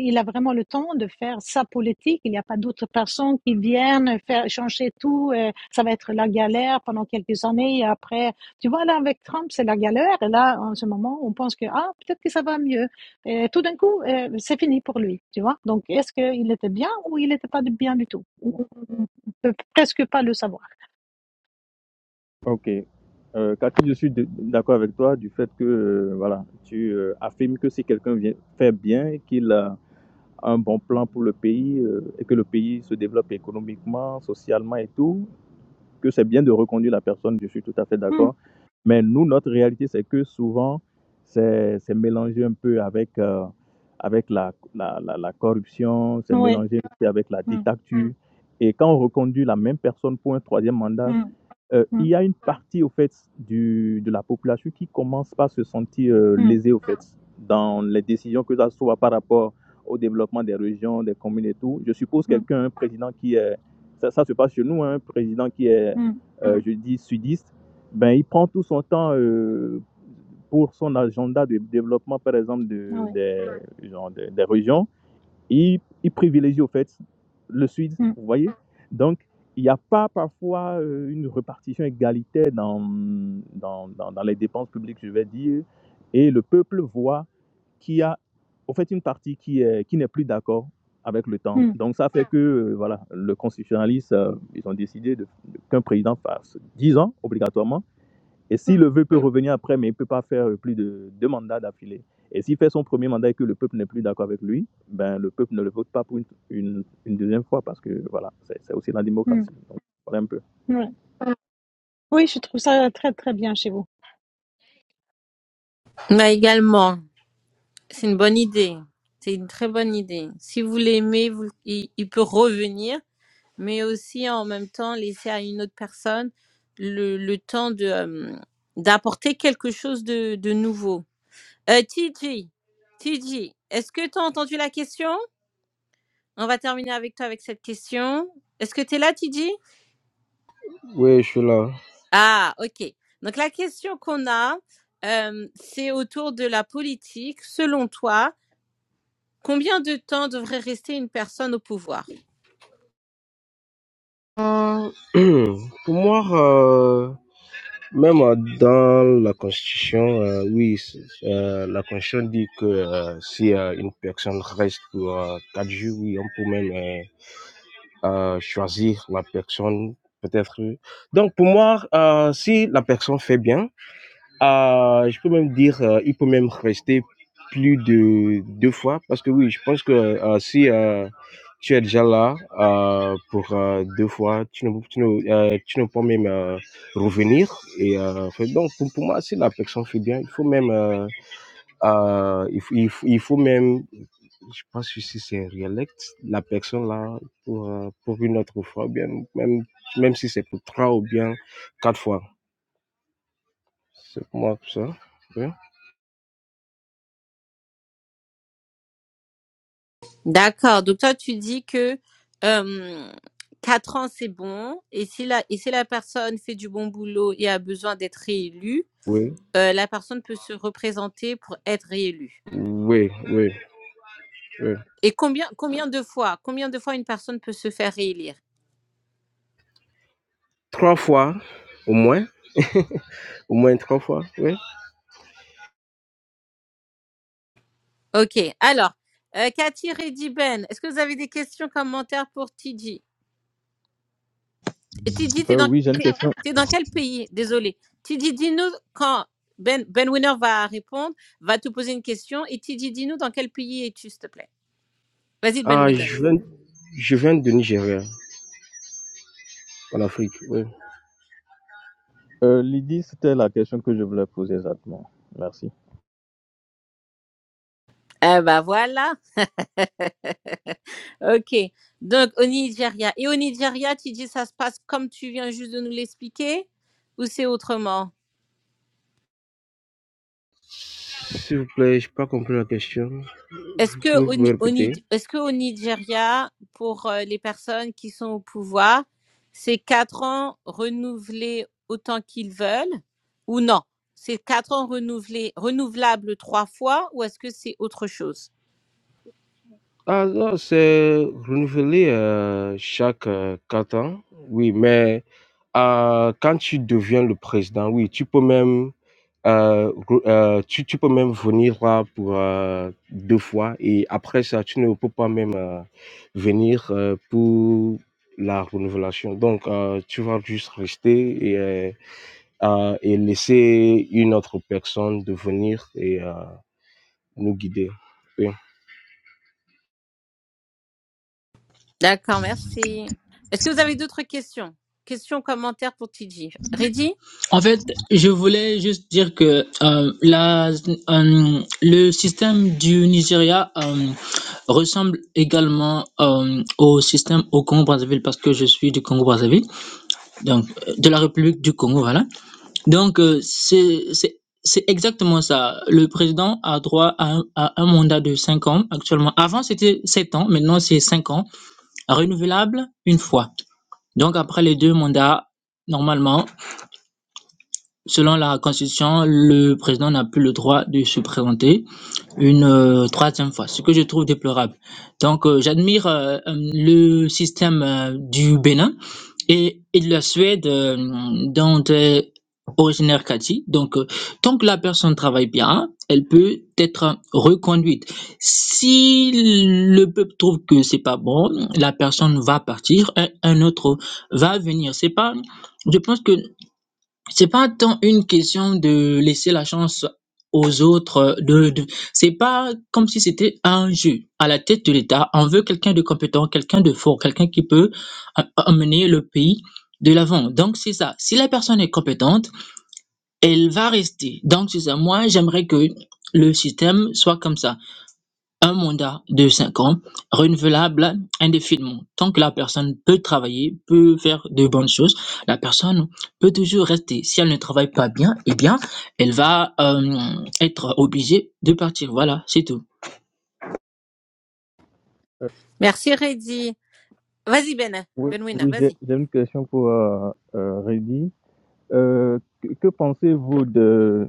il a vraiment le temps de faire sa politique. Il n'y a pas d'autres personnes qui viennent faire changer tout. euh, Ça va être la galère pendant quelques années. Et après, tu vois, là, avec Trump, c'est la galère. Et là, en ce moment, on pense que, ah, peut-être que ça va mieux. Et tout d'un coup, euh, c'est fini pour lui, tu vois. Donc, est-ce qu'il était bien ou il n'était pas de- bien du tout On ne peut presque pas le savoir. Ok. Euh, Cathy, je suis d- d'accord avec toi du fait que euh, voilà, tu euh, affirmes que si quelqu'un vient- fait bien, qu'il a un bon plan pour le pays euh, et que le pays se développe économiquement, socialement et tout, que c'est bien de reconduire la personne, je suis tout à fait Hmm, d'accord. Mais nous, notre réalité, c'est que souvent, c'est c'est mélangé un peu avec, euh, avec la, la, la, la corruption, c'est Oui. mélangé un peu avec la Hmm, dictature. Et quand on reconduit la même personne pour un troisième mandat, hmm, euh, il hmm, y a une partie, au fait, du, de la population qui commence par se sentir euh, hmm, lésée, au fait, dans les décisions que ça soit par rapport au développement des régions, des communes et tout. Je suppose hmm, quelqu'un, un président qui est, ça, ça se passe chez nous, hein, un président qui est, hmm, euh, je dis, sudiste, ben, il prend tout son temps euh, pour son agenda de développement, par exemple, de, ouais, des, genre, des- des régions ils, ils privilégient au fait le sud, hmm, vous voyez. Donc, il n'y a pas parfois euh, une répartition égalitaire dans, dans, dans, dans les dépenses publiques, je vais dire, et le peuple voit qu'il y a au fait une partie qui est, qui n'est plus d'accord avec le temps. hmm, Donc, ça fait que euh, voilà, le constitutionnaliste, euh, ils ont décidé de- de- qu'un président fasse 10 ans obligatoirement et si hmm, le vœu peut revenir après, mais il ne peut pas faire euh, plus de deux mandats d'affilée. Et s'il fait son premier mandat et que le peuple n'est plus d'accord avec lui, ben, le peuple ne le vote pas pour une, une- une deuxième fois parce que voilà, c'est aussi la démocratie. hmm, Donc, voilà un peu. ouais. Oui, je trouve ça très, très bien chez vous. Bah également. C'est une bonne idée. C'est une très bonne idée. Si vous l'aimez, vous, il, il peut revenir, mais aussi en même temps laisser à une autre personne le, le temps de euh, d'apporter quelque chose de, de nouveau. Euh, TG, TG, est-ce que tu as entendu la question On va terminer avec toi avec cette question. Est-ce que tu es là, TG Oui, je suis là. Ah, ok. Donc la question qu'on a, euh, c'est autour de la politique. Selon toi, combien de temps devrait rester une personne au pouvoir Euh, Pour moi, euh, même euh, dans la Constitution, euh, oui, c'est- euh, la Constitution dit que euh, si euh, une personne reste pour euh, quatre jours, oui, on peut même euh, euh, choisir la personne, peut-être. Donc, pour moi, euh, si la personne fait bien, Ah, je peux même dire, heu, il peut même rester plus de 2 fois parce que oui, je pense que, heu, si, heu, tu es déjà là, heu, pour, heu, 2 fois, tu ne tu ne, heu, tu ne peux même, heu, revenir et heu, enfin donc pour pour moi, si la personne fait bien, il faut même, heu heu, il faut il faut il faut même je pense que si c'est réelect la personne là pour, heu, pour une autre fois ou bien même même si c'est pour 3 ou bien 4 fois. C'est pour moi ça. Oui. D'accord. Donc toi, tu dis que euh, 4 ans, c'est bon. Et si, la, et si la personne fait du bon boulot et a besoin d'être réélue, Oui. euh, la personne peut se représenter pour être réélue. Oui, oui, oui. Et combien, combien de fois, combien de fois une personne peut se faire réélire Trois fois, au moins, au moins 3 fois, oui. Ok. Alors, euh, Cathy Rediben, est-ce que vous avez des questions, commentaires pour TJ Et tu dis, t'es Euh, dans, oui, j'ai une t'es, question. t'es dans quel pays Désolé. Tu dis, dis-nous quand Ben, ben Winner va répondre, va te poser une question. Et tu dis, dis-nous dans quel pays es-tu, s'il te plaît Vas-y, Ben Ah, Winner. je viens, je viens de Nigeria, en Afrique, oui. Euh, Lydie, c'était la question que je voulais poser exactement. Merci. Eh ben voilà. OK. Donc, au Nigeria. Et au Nigeria, tu dis, ça se passe comme tu viens juste de nous l'expliquer ou c'est autrement S'il vous plaît, je n'ai pas compris la question. Est-ce Vous que pouvez vous au, pouvez Ni- au Ni- répéter? est-ce que au Nigeria, pour euh, les personnes qui sont au pouvoir, c'est quatre ans renouvelés autant qu'ils veulent ou non C'est quatre ans renouvelés, renouvelables trois fois ou est-ce que c'est autre chose Ah non, c'est renouvelé, heu, chaque, heu, 4 ans. Oui, mais, heu, quand tu deviens le président, oui, tu peux même, heu, re heu, tu tu peux même venir là pour, heu, 2 fois et après ça, tu ne peux pas même, heu, venir, heu, pour la renouvelation. Donc, heu, tu vas juste rester et heu, heu, et laisser une autre personne de venir et heu, nous guider. Oui. D'accord, merci. Est-ce que vous avez d'autres questions Questions, commentaires pour TJ Reddy En fait, je voulais juste dire que euh, la, euh, le système du Nigeria euh, ressemble également euh, au système au Congo-Brazzaville parce que je suis du Congo-Brazzaville, donc euh, de la République du Congo, voilà. Donc, euh, c'est c'est- c'est exactement ça. Le président a droit à un, à un mandat de 5 ans actuellement. Avant, c'était 7 ans, maintenant c'est 5 ans, renouvelable une fois. Donc, après les deux mandats, normalement, selon la Constitution, le président n'a plus le droit de se présenter une euh, troisième fois, ce que je trouve déplorable. Donc, euh, j'admire euh, euh, le système euh, du Bénin et, et la Suède, euh, dont est originaire Cathy, donc euh, tant que la personne travaille bien, elle peut être reconduite. Si le peuple trouve que c'est pas bon, la personne va partir, un, un autre va venir. C'est pas, je pense que c'est pas tant une question de laisser la chance aux autres, de, de- c'est pas comme si c'était un jeu. À la tête de l'État, on veut quelqu'un de compétent, quelqu'un de fort, quelqu'un qui peut a- amener le pays de l'avant. Donc c'est ça. Si la personne est compétente, elle va rester. Donc c'est ça. Moi, j'aimerais que le système soit comme ça. Un mandat de cinq ans, renouvelable indéfiniment. Tant que la personne peut travailler, peut faire de bonnes choses, la personne peut toujours rester. Si elle ne travaille pas bien, eh bien, elle va euh, être obligée de partir. Voilà, c'est tout. Euh, Merci Reddy. Vas-y Ben, oui, Benwinner, oui, j'ai vas-y. j'ai une question pour euh, euh, Reddy. Euh, que que pensez-vous de,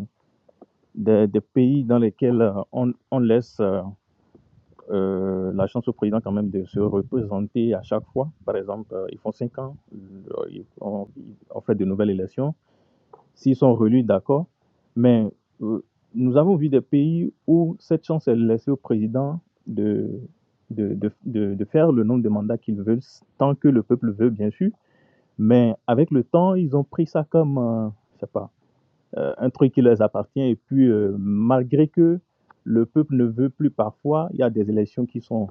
de- des pays dans lesquels euh, on, on laisse euh, euh, la chance au président quand même de se représenter à chaque fois. Par exemple, euh, ils font cinq ans, euh, ils- on, on fait de nouvelles élections. S'ils sont relus, d'accord. Mais euh, nous avons vu des pays où cette chance est laissée au président de, de, de, de- de faire le nombre de mandats qu'ils veulent, tant que le peuple veut, bien sûr. Mais avec le temps, ils ont pris ça comme, euh, je sais pas, euh, un truc qui leur appartient. Et puis, euh, malgré que le peuple ne veut plus parfois, il y a des élections qui sont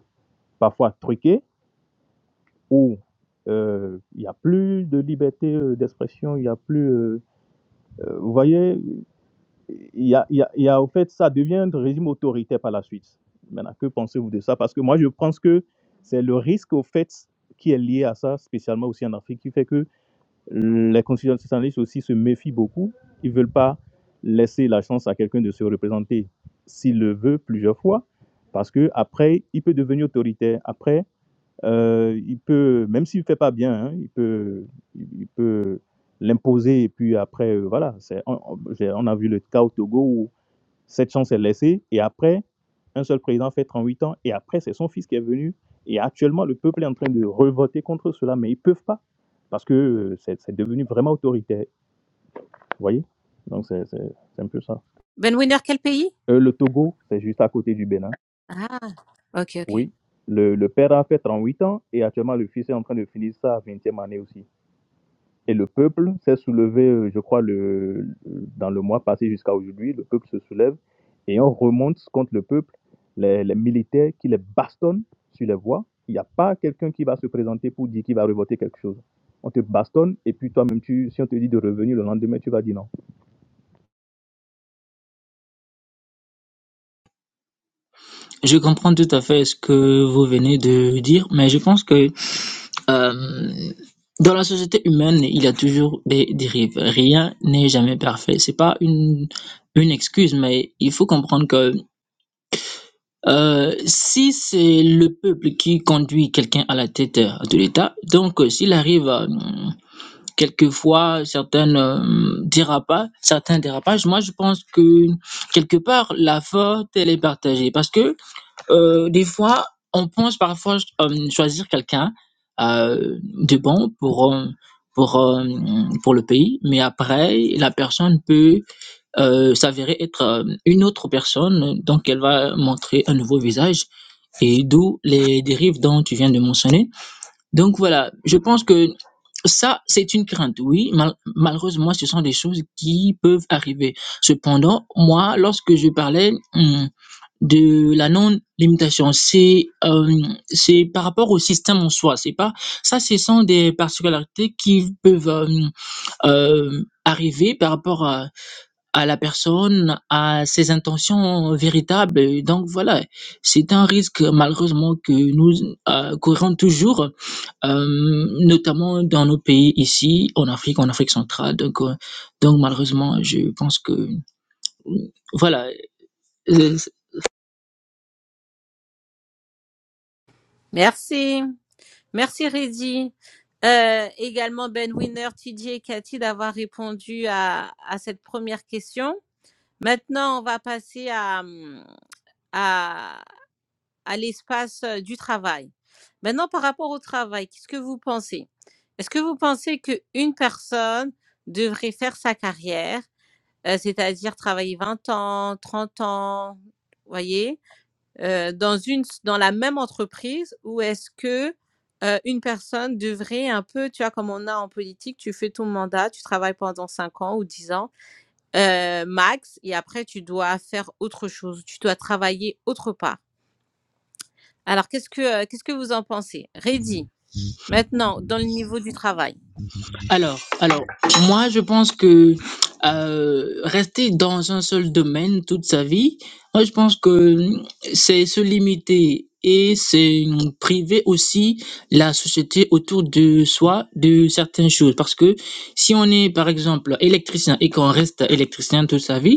parfois truquées, où euh, il euh, n'y a plus de liberté euh, d'expression, il n'y a plus... euh, euh, vous voyez, il y a, il y a- y a, au fait, ça devient un régime autoritaire par la suite. Maintenant, que pensez-vous de ça Parce que moi, je pense que c'est le risque, au fait, qui est lié à ça, spécialement aussi en Afrique, qui fait que les constitutionnalistes aussi se méfient beaucoup. Ils ne veulent pas laisser la chance à quelqu'un de se représenter s'il le veut plusieurs fois, parce que après, il peut devenir autoritaire. Après, Heu, il peut même s'il ne fait pas bien, hein, il peut il il peut l'imposer et puis après, heu, voilà, c'est on on j'ai on a vu le cas au Togo où cette chance est laissée et après, un seul président fait 38 ans et après c'est son fils qui est venu et actuellement le peuple est en train de revoter contre cela, mais ils ne peuvent pas parce que, heu, c'est c'est devenu vraiment autoritaire, vous voyez? Donc c'est c'est c'est un peu ça. Benwinner, quel pays Heu, le Togo, c'est juste à côté du Bénin. Ah, ok, ok. Oui, le le père a fait 38 ans et actuellement le fils est en train de finir sa 20e année aussi. Et le peuple s'est soulevé, euh, je crois, le, dans le mois passé jusqu'à aujourd'hui, le peuple se soulève et on remonte contre le peuple les, les militaires qui les bastonnent sur les voies. Il n'y a pas quelqu'un qui va se présenter pour dire qu'il va revoter quelque chose. On te bastonne et puis toi-même, tu, si on te dit de revenir le lendemain, tu vas dire non. Je comprends tout à fait ce que vous venez de dire, mais je pense que euh, dans la société humaine, il y a toujours des dérives. Rien n'est jamais parfait. C'est pas une une excuse, mais il faut comprendre que Euh, si c'est le peuple qui conduit quelqu'un à la tête euh, de l'État, donc euh, s'il arrive à, hum, quelquefois certains euh, dérapages, certains dérapages, moi je pense que quelque part la faute elle est partagée parce que euh, des fois on pense parfois euh, choisir quelqu'un euh, de bon pour euh, pour euh, pour le pays, mais après la personne peut euh, s'avérer être euh, une autre personne, donc elle va montrer un nouveau visage, et d'où les dérives dont tu viens de mentionner. Donc voilà, je pense que ça, c'est une crainte, oui. Mal- malheureusement, ce sont des choses qui peuvent arriver. Cependant, moi, lorsque je parlais hum, de la non-limitation, c'est euh, c'est par rapport au système en soi. C'est pas ça, ce sont des particularités qui peuvent euh, euh, arriver par rapport à à la personne, à ses intentions véritables. Et donc voilà, c'est un risque malheureusement que nous euh, courons toujours, euh, notamment dans nos pays ici, en Afrique, en Afrique centrale. Donc, euh, donc malheureusement, je pense que euh, voilà, euh, Merci. Merci Reddy. Euh, également Ben Winner, TJ et Cathy d'avoir répondu à, à cette première question. Maintenant, on va passer à, hum, à, à l'espace euh, du travail. Maintenant, par rapport au travail, qu'est-ce que vous pensez Est-ce que vous pensez qu'une personne devrait faire sa carrière, euh, c'est-à-dire travailler 20 ans, 30 ans, voyez euh, dans une dans la même entreprise ou est-ce que euh, une personne devrait un peu, tu vois, comme on a en politique, tu fais ton mandat, tu travailles pendant 5 ans ou 10 ans, euh, max, et après tu dois faire autre chose, tu dois travailler autre part. Alors, qu'est-ce que, euh, qu'est-ce que vous en pensez Reddy, maintenant, dans le niveau du travail. Alors, alors, moi, je pense que euh, rester dans un seul domaine toute sa vie, moi, je pense que hum, c'est se limiter et c'est hum, priver aussi la société autour de soi de certaines choses. Parce que si on est, par exemple, électricien et qu'on reste électricien toute sa vie,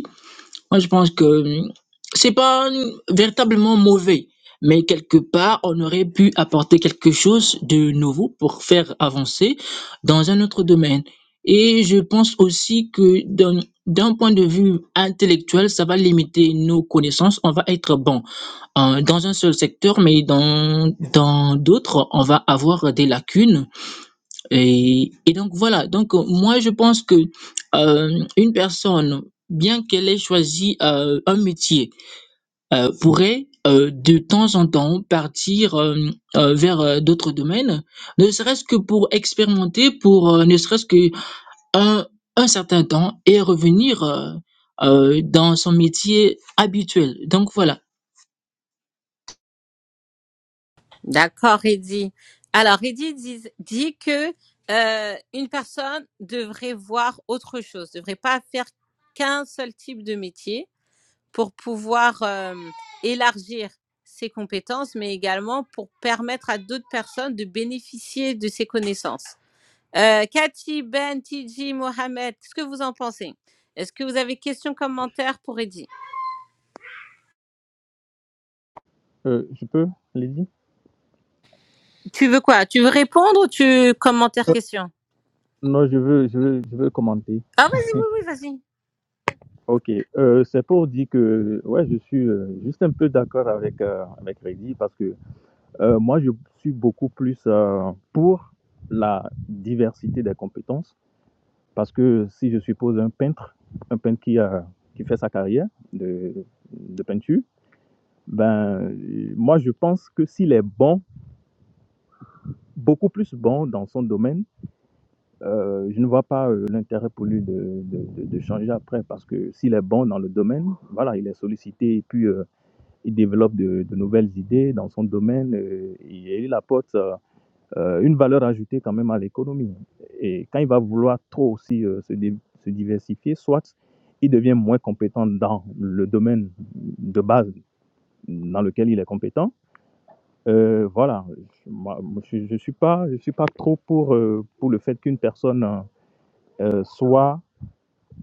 moi, je pense que hum, c'est pas hum, véritablement mauvais, mais quelque part, on aurait pu apporter quelque chose de nouveau pour faire avancer dans un autre domaine. Et je pense aussi que d'un d'un point de vue intellectuel, ça va limiter nos connaissances. On va être bon euh, dans un seul secteur, mais dans dans d'autres, on va avoir des lacunes et, et donc voilà, donc euh, moi je pense que euh, une personne, bien qu'elle ait choisi euh, un métier, euh, pourrait euh, de temps en temps partir euh, euh, vers euh, d'autres domaines, ne serait-ce que pour expérimenter, pour euh, ne serait-ce que un, un certain temps et revenir euh, euh, dans son métier habituel. Donc voilà, D'accord, Reddy. Alors, Reddy dit, dit que euh, une personne devrait voir autre chose, devrait pas faire qu'un seul type de métier pour pouvoir euh, élargir ses compétences, mais également pour permettre à d'autres personnes de bénéficier de ses connaissances. Euh, Cathy, Ben, Tiji, Mohamed, qu'est-ce que vous en pensez Est-ce que vous avez questions, commentaires pour Eddy Euh, je peux, Lydie Tu veux quoi Tu veux répondre ou tu commentaires, questions Non, je veux, je veux, je veux commenter. Ah, vas-y, oui, oui, vas-y. Ok, euh, c'est pour dire que ouais, je suis euh, juste un peu d'accord avec euh, avec Reddy parce que Euh, moi, je suis beaucoup plus euh, pour la diversité des compétences parce que si je suppose un peintre, un peintre qui, a, qui fait sa carrière de, de peinture, ben, moi, je pense que s'il est bon, beaucoup plus bon dans son domaine, euh, je ne vois pas euh, l'intérêt pour lui de, de- de- de changer après parce que s'il est bon dans le domaine, voilà, il est sollicité et puis euh, il développe de, de nouvelles idées dans son domaine euh, et il apporte. euh, euh, une valeur ajoutée quand même à l'économie. Et quand il va vouloir trop aussi euh, se, se diversifier, soit il devient moins compétent dans le domaine de base dans lequel il est compétent. Euh, voilà, Moi, je ne suis, pas- je suis pas trop pour, euh, pour le fait qu'une personne euh, euh, soit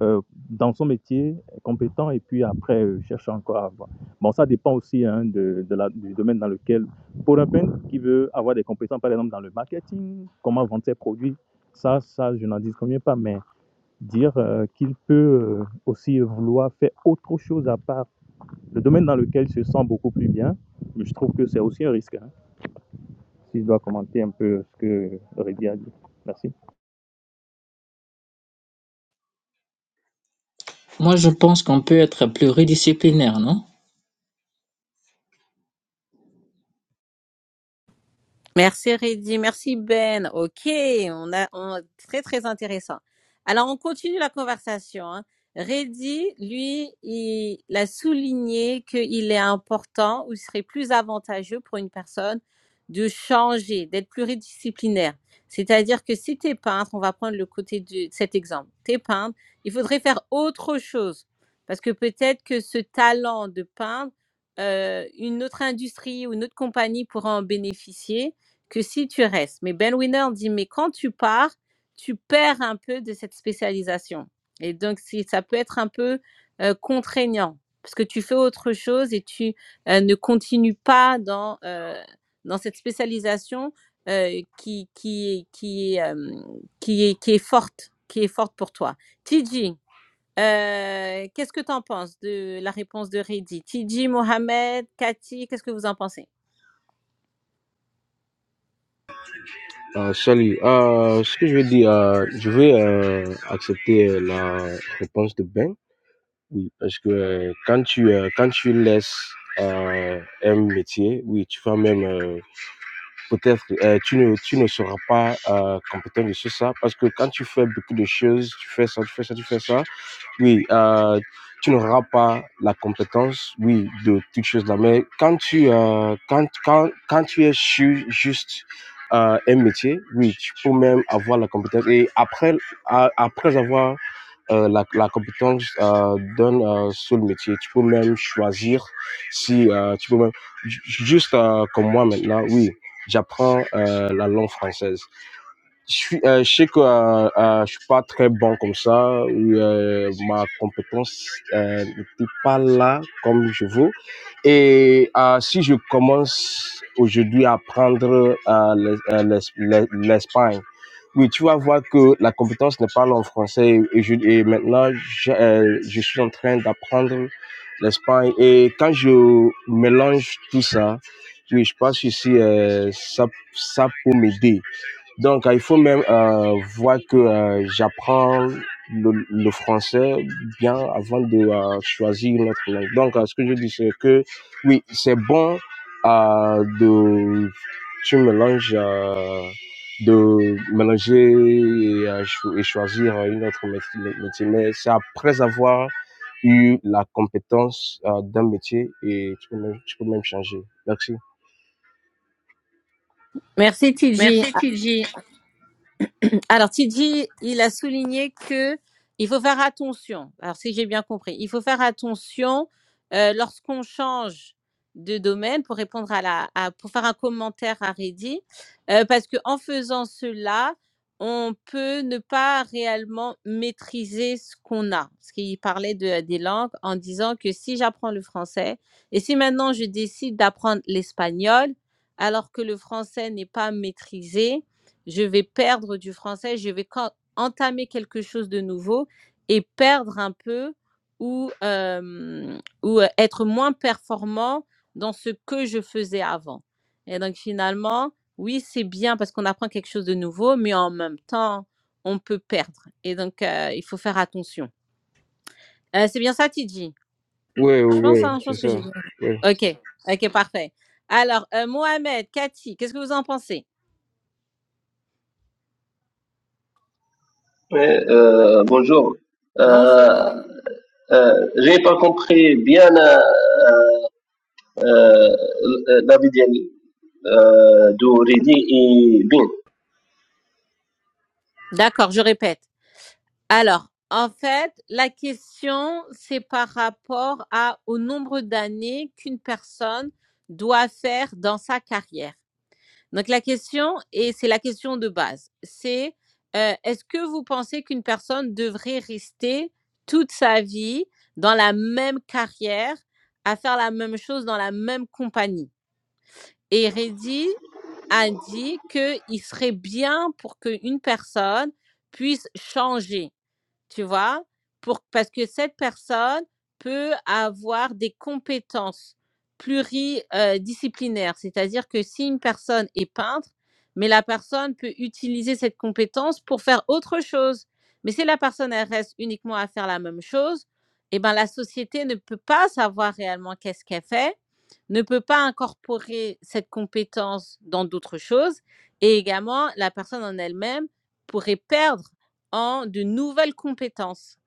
euh, dans son métier, compétent, et puis après, euh, cherche encore à avoir. Bon, ça dépend aussi hein, de, de la- du domaine dans lequel, pour un peintre qui veut avoir des compétences, par exemple, dans le marketing, comment vendre ses produits, ça, ça je n'en dis combien pas, mais dire euh, qu'il peut euh, aussi vouloir faire autre chose à part le domaine dans lequel il se sent beaucoup plus bien, je trouve que c'est aussi un risque. hein. si je dois commenter un peu ce que Aurélie a dit. Merci. moi je pense qu'on peut être pluridisciplinaire, non? Merci Reddy, merci Ben. Ok, on a on- très très intéressant. Alors on continue la conversation. Hein. Reddy, lui, il a souligné qu'il est important ou il serait plus avantageux pour une personne de changer, d'être pluridisciplinaire. C'est-à-dire que si tu es peintre, on va prendre le côté de cet exemple, tu es peintre, il faudrait faire autre chose. Parce que peut-être que ce talent de peintre, euh, une autre industrie ou une autre compagnie pourra en bénéficier que si tu restes. Mais Ben Winner dit, mais quand tu pars, tu perds un peu de cette spécialisation. Et donc, si, ça peut être un peu euh, contraignant parce que tu fais autre chose et tu euh, ne continues pas dans, euh, dans cette spécialisation euh, qui, qui, qui, euh, qui, est, qui est forte, qui est forte pour toi. TJ, euh, qu'est-ce que tu en penses de la réponse de Reddy? TJ, Mohamed, Cathy, qu'est-ce que vous en pensez? Euh, salut. Euh, ce que je veux dire, euh, je vais euh, accepter euh, la réponse de Ben. Oui, parce que euh, quand tu euh, quand tu laisses euh, un métier, oui, tu vas même euh, peut-être euh, tu ne tu ne seras pas euh, compétent de ce ça parce que quand tu fais beaucoup de choses, tu fais ça, tu fais ça, tu fais ça. Oui, euh, tu n'auras pas la compétence, oui, de toutes choses là. Mais quand tu, euh, quand, quand, quand tu es sur juste euh, un métier, oui, tu peux même avoir la compétence. Et après, à- après avoir euh, la, la compétence euh, d'un euh, seul métier, tu peux même choisir si euh, tu peux même, ju- juste euh, comme moi maintenant, oui, j'apprends euh, la langue française. Je, suis, euh, je sais que euh, euh, je suis pas très bon comme ça, ou, euh, ma compétence euh, n'était pas là comme je veux. Et euh, si je commence aujourd'hui à apprendre euh, l'es- euh, l'es- l'es- l'Espagne, oui, tu vas voir que la compétence n'est pas là en français. Et, je, et maintenant, je, euh, je suis en train d'apprendre l'Espagne. Et quand je mélange tout ça, oui, je pense que si, euh, ça, ça peut m'aider. Donc, euh, il faut même euh, voir que euh, j'apprends le, le français bien avant de euh, choisir une autre langue. Donc, euh, ce que je dis, c'est que oui, c'est bon euh, de tu mélanges, euh, de mélanger et, euh, cho- et choisir euh, une autre mét- mé- métier, mais c'est après avoir eu la compétence euh, d'un métier et tu peux même, tu peux même changer. Merci. Merci Tidji. Merci, Tidji. Alors, Tidji, il a souligné que il faut faire attention. Alors, si j'ai bien compris, il faut faire attention euh, lorsqu'on change de domaine pour répondre à la, à- pour faire un commentaire à Reddy, euh, parce que en faisant cela, on peut ne pas réellement maîtriser ce qu'on a. Parce qu'il parlait de, des langues en disant que si j'apprends le français et si maintenant je décide d'apprendre l'espagnol, alors que le français n'est pas maîtrisé, je vais perdre du français, je vais entamer quelque chose de nouveau et perdre un peu ou, euh, ou euh, être moins performant dans ce que je faisais avant. Et donc finalement, oui, c'est bien parce qu'on apprend quelque chose de nouveau, mais en même temps, on peut perdre. Et donc, euh, il faut faire attention. Euh, c'est bien ça, Tidji Oui, oui, Je pense, oui, hein, je c'est pense que j'ai ça. bien. Oui. Ok, ok, parfait. Alors, euh, Mohamed, Cathy, qu'est-ce que vous en pensez Oui, euh, bonjour. Euh, Bonjour. euh, j'ai pas compris bien euh, euh, euh, la vidéo euh, de Reddy et Bin. D'accord, je répète. Alors, en fait, la question, c'est par rapport à, au nombre d'années qu'une personne doit faire dans sa carrière. Donc, la question, et c'est la question de base, c'est euh, est-ce que vous pensez qu'une personne devrait rester toute sa vie dans la même carrière, à faire la même chose dans la même compagnie Et Reddy a dit qu'il serait bien pour qu'une personne puisse changer tu vois, pour, parce que cette personne peut avoir des compétences pluridisciplinaires, c'est-à-dire que si une personne est peintre, mais la personne peut utiliser cette compétence pour faire autre chose. Mais si la personne elle reste uniquement à faire la même chose, eh ben la société ne peut pas savoir réellement qu'est-ce qu'elle fait, ne peut pas incorporer cette compétence dans d'autres choses, et également la personne en elle-même pourrait perdre en de nouvelles compétences.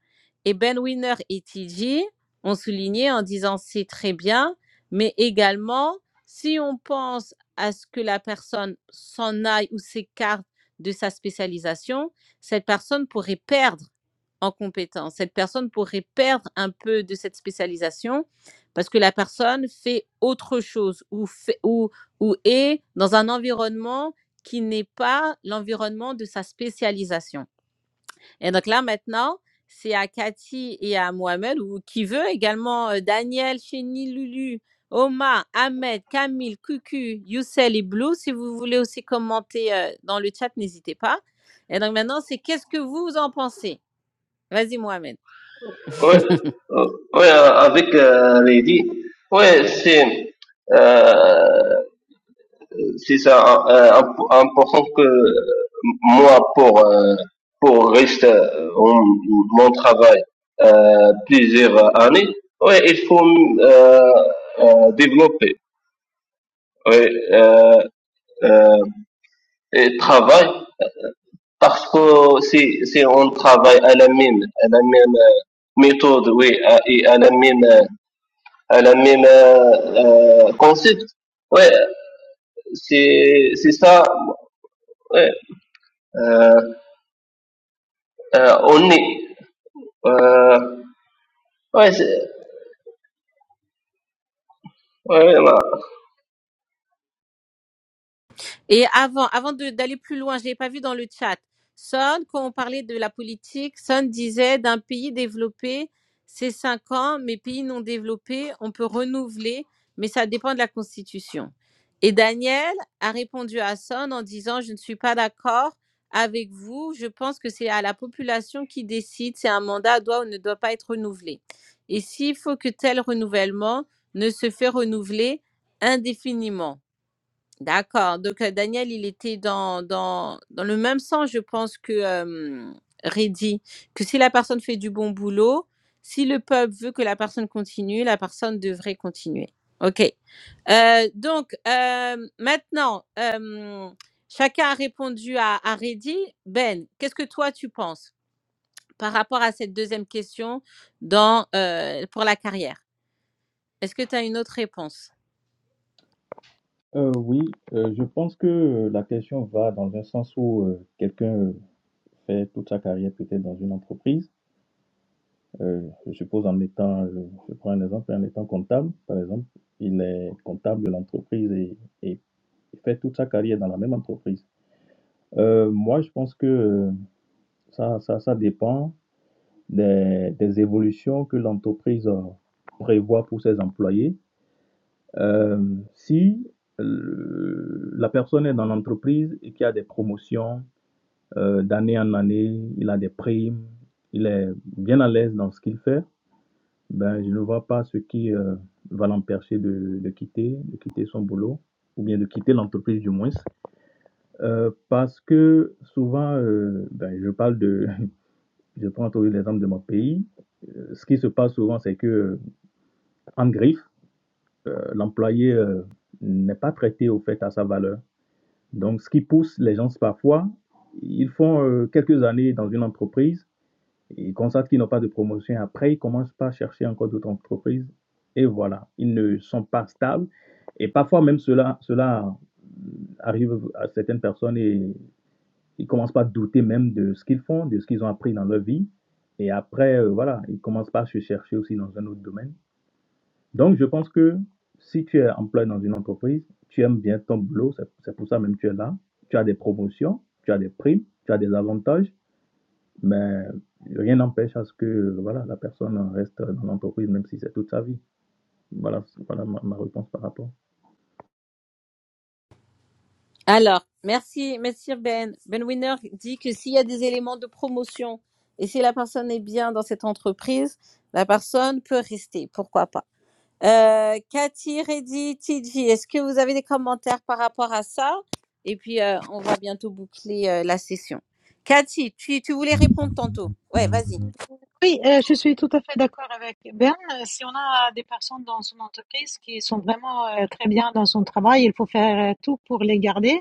Et Ben Winner et TJ ont souligné en disant c'est très bien, mais également, si on pense à ce que la personne s'en aille ou s'écarte de sa spécialisation, cette personne pourrait perdre en compétences. Cette personne pourrait perdre un peu de cette spécialisation parce que la personne fait autre chose ou, fait- ou, ou est dans un environnement qui n'est pas l'environnement de sa spécialisation. Et donc là, maintenant, c'est à Cathy et à Mohamed, ou qui veut également euh, Daniel, Chéni, Lulu, Oma, Ahmed, Camille, Cucu, Youssel et Blue. Si vous voulez aussi commenter euh, dans le chat, n'hésitez pas. Et donc maintenant, c'est qu'est-ce que vous en pensez Vas-y, Mohamed. Oui, euh, oui, euh, avec euh, Reddy. Oui, c'est euh, c'est ça euh, imp- important que moi pour euh, pour rester euh, en- mon travail euh, plusieurs années. Oui, il faut euh, euh, développer. Oui, euh, euh, et travail, parce que si, si on travaille à la même, à la même euh, méthode, oui, à- et à la même, euh, à la même euh, euh, concept, ouais, c'est, c'est ça, ouais, euh, euh, on est, euh, ouais, c'est, ouais, voilà. Et avant, avant de- d'aller plus loin, je l'ai pas vu dans le chat. Son, quand on parlait de la politique, Son disait d'un pays développé, c'est cinq ans, mais pays non développés, on peut renouveler, mais ça dépend de la constitution. Et Daniel a répondu à Son en disant, je ne suis pas d'accord avec vous, je pense que c'est à la population qui décide si un mandat doit ou ne doit pas être renouvelé. Et s'il faut que tel renouvellement ne se fait renouveler indéfiniment. D'accord. Donc euh, Daniel, il était dans, dans, dans le même sens, je pense, que euh, Reddy, que si la personne fait du bon boulot, si le peuple veut que la personne continue, la personne devrait continuer. OK. Euh, donc euh, maintenant, euh, chacun a répondu à, à Reddy. Ben, qu'est-ce que toi tu penses par rapport à cette deuxième question dans, euh, pour la carrière Est-ce que tu as une autre réponse Euh, oui, euh, je pense que euh, la question va dans un sens où euh, quelqu'un fait toute sa carrière peut-être dans une entreprise. Euh, je suppose en étant, je, je prends un exemple, en étant comptable, par exemple, il est comptable de l'entreprise et, et fait toute sa carrière dans la même entreprise. Euh, moi, je pense que euh, ça, ça, ça dépend des, des évolutions que l'entreprise euh, prévoit pour ses employés. Euh, si euh, la personne est dans l'entreprise et qu'il y a des promotions, euh, d'année en année, il a des primes, il est bien à l'aise dans ce qu'il fait. Ben, je ne vois pas ce qui euh, va l'empêcher de, de quitter, de quitter son boulot ou bien de quitter l'entreprise du moins. Euh, parce que souvent, euh, ben, je parle de, je prends toujours l'exemple de mon pays. Euh, ce qui se passe souvent, c'est que euh, en griffe, euh, l'employé euh, n'est pas traité au fait à sa valeur. Donc, ce qui pousse les gens parfois, ils font euh, quelques années dans une entreprise Ils constatent qu'ils n'ont pas de promotion. Après, ils ne commencent pas à chercher encore d'autres entreprises. Et voilà, ils ne sont pas stables. Et parfois même cela, cela arrive à certaines personnes et ils ne commencent pas à douter même de ce qu'ils font, de ce qu'ils ont appris dans leur vie. Et après, euh, voilà, ils ne commencent pas à se chercher aussi dans un autre domaine. Donc, je pense que si tu es employé dans une entreprise, tu aimes bien ton boulot, c'est c'est pour ça même que tu es là. Tu as des promotions, tu as des primes, tu as des avantages mais rien n'empêche à ce que, voilà, la personne reste dans l'entreprise, même si c'est toute sa vie. Voilà, voilà ma ma réponse par rapport. Alors, merci, Monsieur Ben. Ben Winner dit que s'il y a des éléments de promotion et si la personne est bien dans cette entreprise, la personne peut rester. Pourquoi pas? Euh, Cathy, Reddy, TG, est-ce que vous avez des commentaires par rapport à ça? Et puis, euh, on va bientôt boucler euh, la session. Cathy, tu, tu voulais répondre tantôt. Ouais, vas-y. Oui, heu, je suis tout à fait d'accord avec Ben. Heu, si on a des personnes dans son entreprise qui sont vraiment, heu, très bien dans son travail, il faut faire, heu, tout pour les garder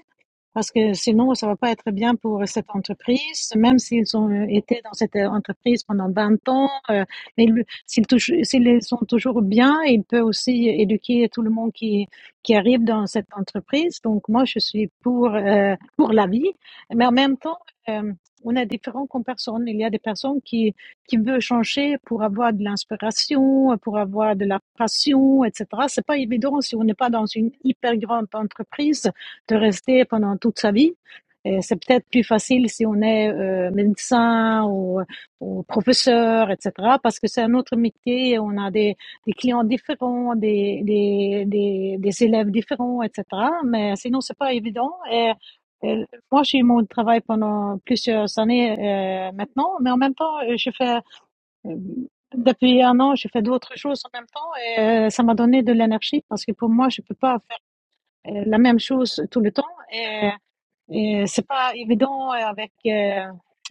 parce que sinon ça va pas être bien pour cette entreprise, même s'ils ont, heu, été dans cette, heu, entreprise pendant 20 ans, heu, mais le s'ils touchent s'ils sont toujours bien, il peut aussi éduquer tout le monde qui qui arrive dans cette entreprise. Donc moi, je suis pour, heu, pour la vie, mais en même temps, hem, on est différent comme personne. Il y a des personnes qui qui veut changer pour avoir de l'inspiration, pour avoir de la passion, etc. C'est pas évident si on n'est pas dans une hyper grande entreprise de rester pendant toute sa vie. Et c'est peut-être plus facile si on est euh, médecin ou, ou professeur, etc. Parce que c'est un autre métier, on a des, des clients différents, des, des, des, des élèves différents, etc. Mais sinon, c'est pas évident. Et, et moi, j'ai eu mon travail pendant plusieurs années euh, maintenant, mais en même temps, euh, je fais euh, depuis un an, je fais d'autres choses en même temps et euh, ça m'a donné de l'énergie parce que pour moi, je peux pas faire euh, la même chose tout le temps. Et et c'est pas évident euh, avec euh,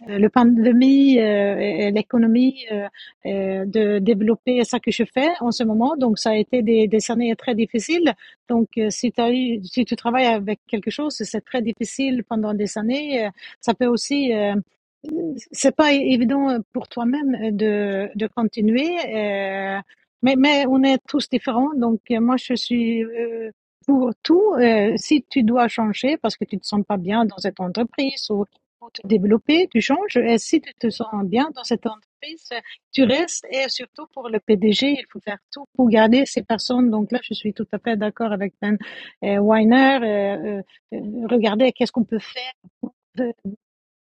le pandémie euh, et l'économie euh, euh, de développer ça que je fais en ce moment. Donc, ça a été des, des années très difficiles. Donc, euh, si, t'as eu- si tu travailles avec quelque chose, c'est très difficile pendant des années. Euh, Ça peut aussi euh, c'est pas évident euh, pour toi-même euh, de, de continuer, euh, mais, mais on est tous différents. Donc, euh, moi, je suis euh, pour tout. Euh, si tu dois changer parce que tu te sens pas bien dans cette entreprise ou pour te développer, tu changes. Et si tu te sens bien dans cette entreprise, euh, tu restes. Et surtout pour le PDG, il faut faire tout pour garder ces personnes. Donc là, je suis tout à fait d'accord avec Ben euh, Weiner. Euh, euh, euh, regardez qu'est-ce qu'on peut faire euh,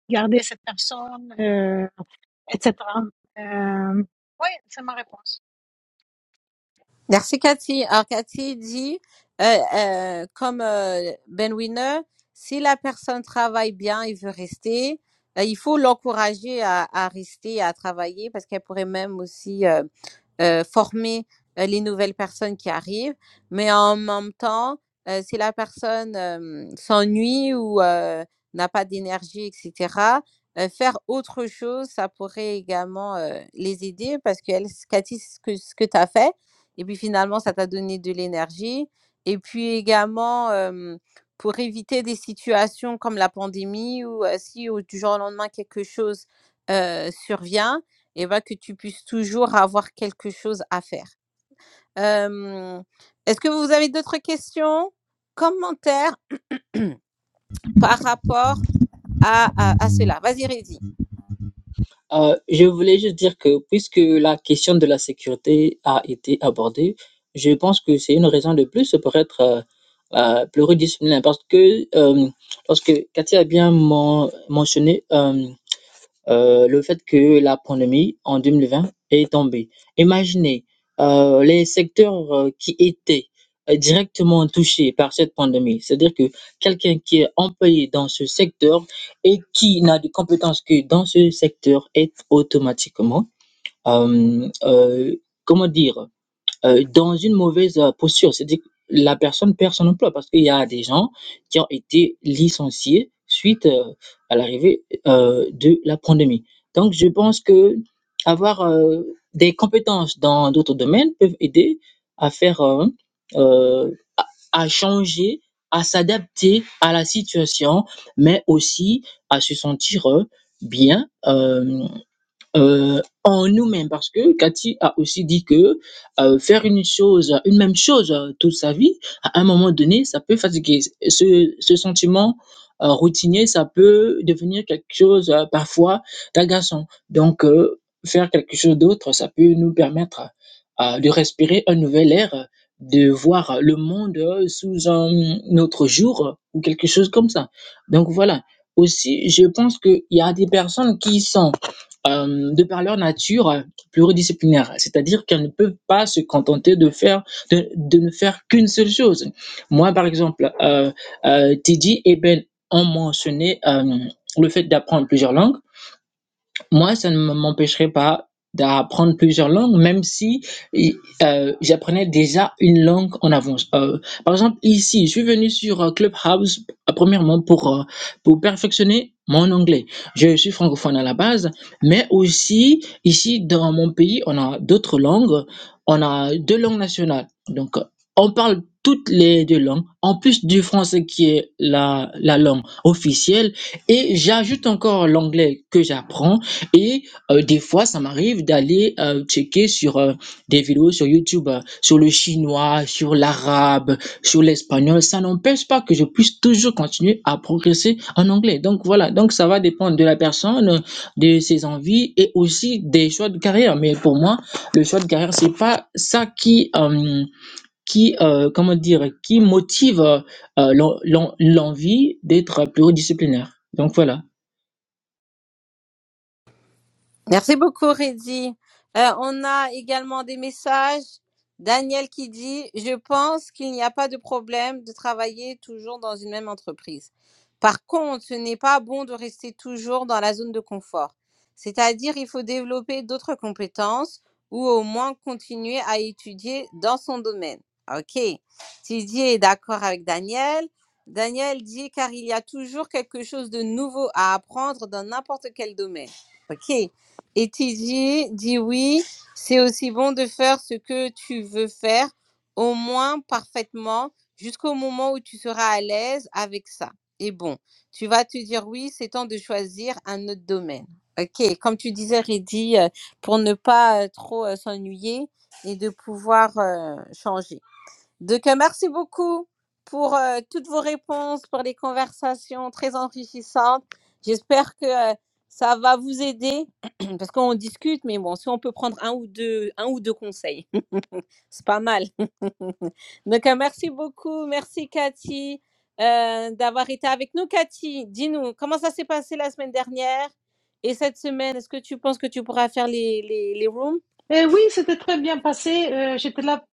garder cette personne, euh, etc. Euh, oui, c'est ma réponse. Merci Cathy. Alors Cathy dit, euh, euh, comme euh, Ben Winner, si la personne travaille bien et veut rester, euh, il faut l'encourager à, à rester, à travailler, parce qu'elle pourrait même aussi euh, euh, former euh, les nouvelles personnes qui arrivent, mais en même temps, euh, si la personne euh, s'ennuie ou euh, n'a pas d'énergie, etc., euh, faire autre chose, ça pourrait également euh, les aider parce que elle, ce- Cathy, ce que, ce que tu as fait, et puis finalement, ça t'a donné de l'énergie. Et puis également, euh, pour éviter des situations comme la pandémie où euh, si au- du jour au lendemain quelque chose euh, survient, et ben que tu puisses toujours avoir quelque chose à faire. Euh, Est-ce que vous avez d'autres questions, commentaires par rapport à, à- à cela Vas-y, Rézi. Euh, je voulais juste dire que puisque la question de la sécurité a été abordée, je pense que c'est une raison de plus pour être euh, euh, pluridisciplinaire. Parce que euh, lorsque Cathy a bien men- mentionné euh, euh, le fait que la pandémie en 2020 est tombée. Imaginez euh, les secteurs euh, qui étaient euh, directement touchés par cette pandémie, c'est-à-dire que quelqu'un qui est employé dans ce secteur et qui n'a des compétences que dans ce secteur est automatiquement, euh, euh, comment dire, Heu, dans une mauvaise, heu, posture, c'est-à-dire que la personne perd son emploi parce qu'il y a des gens qui ont été licenciés suite, heu, à l'arrivée, heu, de la pandémie. Donc je pense qu'avoir, heu, des compétences dans d'autres domaines peuvent aider à faire, heu heu, à changer, à s'adapter à la situation, mais aussi à se sentir, heu, bien, hem euh, en nous-mêmes parce que Cathy a aussi dit que euh, faire une chose, une même chose euh, toute sa vie, à un moment donné, ça peut fatiguer. Ce, ce sentiment euh, routinier, ça peut devenir quelque chose euh, parfois d'agaçant. Donc, euh, faire quelque chose d'autre, ça peut nous permettre euh, de respirer un nouvel air, de voir le monde euh, sous un autre jour euh, ou quelque chose comme ça. Donc voilà. Aussi, je pense qu'il y a des personnes qui sont euh, de par leur nature euh, pluridisciplinaire, c'est-à-dire qu'elles ne peuvent pas se contenter de faire de, de ne faire qu'une seule chose. Moi, par exemple, euh, euh, Teddy et Ben ont mentionné euh, le fait d'apprendre plusieurs langues. Moi, ça ne m'empêcherait pas d'apprendre plusieurs langues, même si i- euh, j'apprenais déjà une langue en avance. Euh, par exemple, ici, je suis venu sur euh, Clubhouse, euh, premièrement, pour, euh, pour perfectionner mon anglais. Je suis francophone à la base, mais aussi, ici, dans mon pays, on a d'autres langues. On a deux langues nationales. Donc, euh, on parle toutes les deux langues, en plus du français qui est la, la langue officielle. Et j'ajoute encore l'anglais que j'apprends et heu, des fois, ça m'arrive d'aller, heu, checker sur, heu, des vidéos sur YouTube, heu, sur le chinois, sur l'arabe, sur l'espagnol. Ça n'empêche pas que je puisse toujours continuer à progresser en anglais. Donc voilà, donc ça va dépendre de la personne, heu, de ses envies et aussi des choix de carrière. Mais pour moi, le choix de carrière, c'est pas ça qui, hem, qui, heu, comment dire? Qui motive, heu l'en l'en l'envie d'être pluridisciplinaire. Donc voilà. Merci beaucoup, Reddy. Euh, on a également des messages. Daniel qui dit, je pense qu'il n'y a pas de problème de travailler toujours dans une même entreprise. Par contre, ce n'est pas bon de rester toujours dans la zone de confort. C'est-à-dire, il faut développer d'autres compétences ou au moins continuer à étudier dans son domaine. OK. Didier est d'accord avec Daniel. Daniel dit, car il y a toujours quelque chose de nouveau à apprendre dans n'importe quel domaine. OK. Et Tidier dit oui, c'est aussi bon de faire ce que tu veux faire, au moins parfaitement, jusqu'au moment où tu seras à l'aise avec ça. Et bon, tu vas te dire oui, c'est temps de choisir un autre domaine. Ok, comme tu disais, Reddy, euh, pour ne pas euh, trop euh, s'ennuyer et de pouvoir euh, changer. Donc, euh, merci beaucoup pour euh, toutes vos réponses, pour les conversations très enrichissantes. J'espère que euh, ça va vous aider parce qu'on discute, mais bon, si on peut prendre un ou deux, un ou deux conseils, c'est pas mal. Donc, euh, merci beaucoup. Merci, Cathy, euh, d'avoir été avec nous. Cathy, dis-nous, comment ça s'est passé la semaine dernière et cette semaine? Est-ce que tu penses que tu pourras faire les, les, les rooms? Et oui, c'était très bien passé. Euh, J'étais là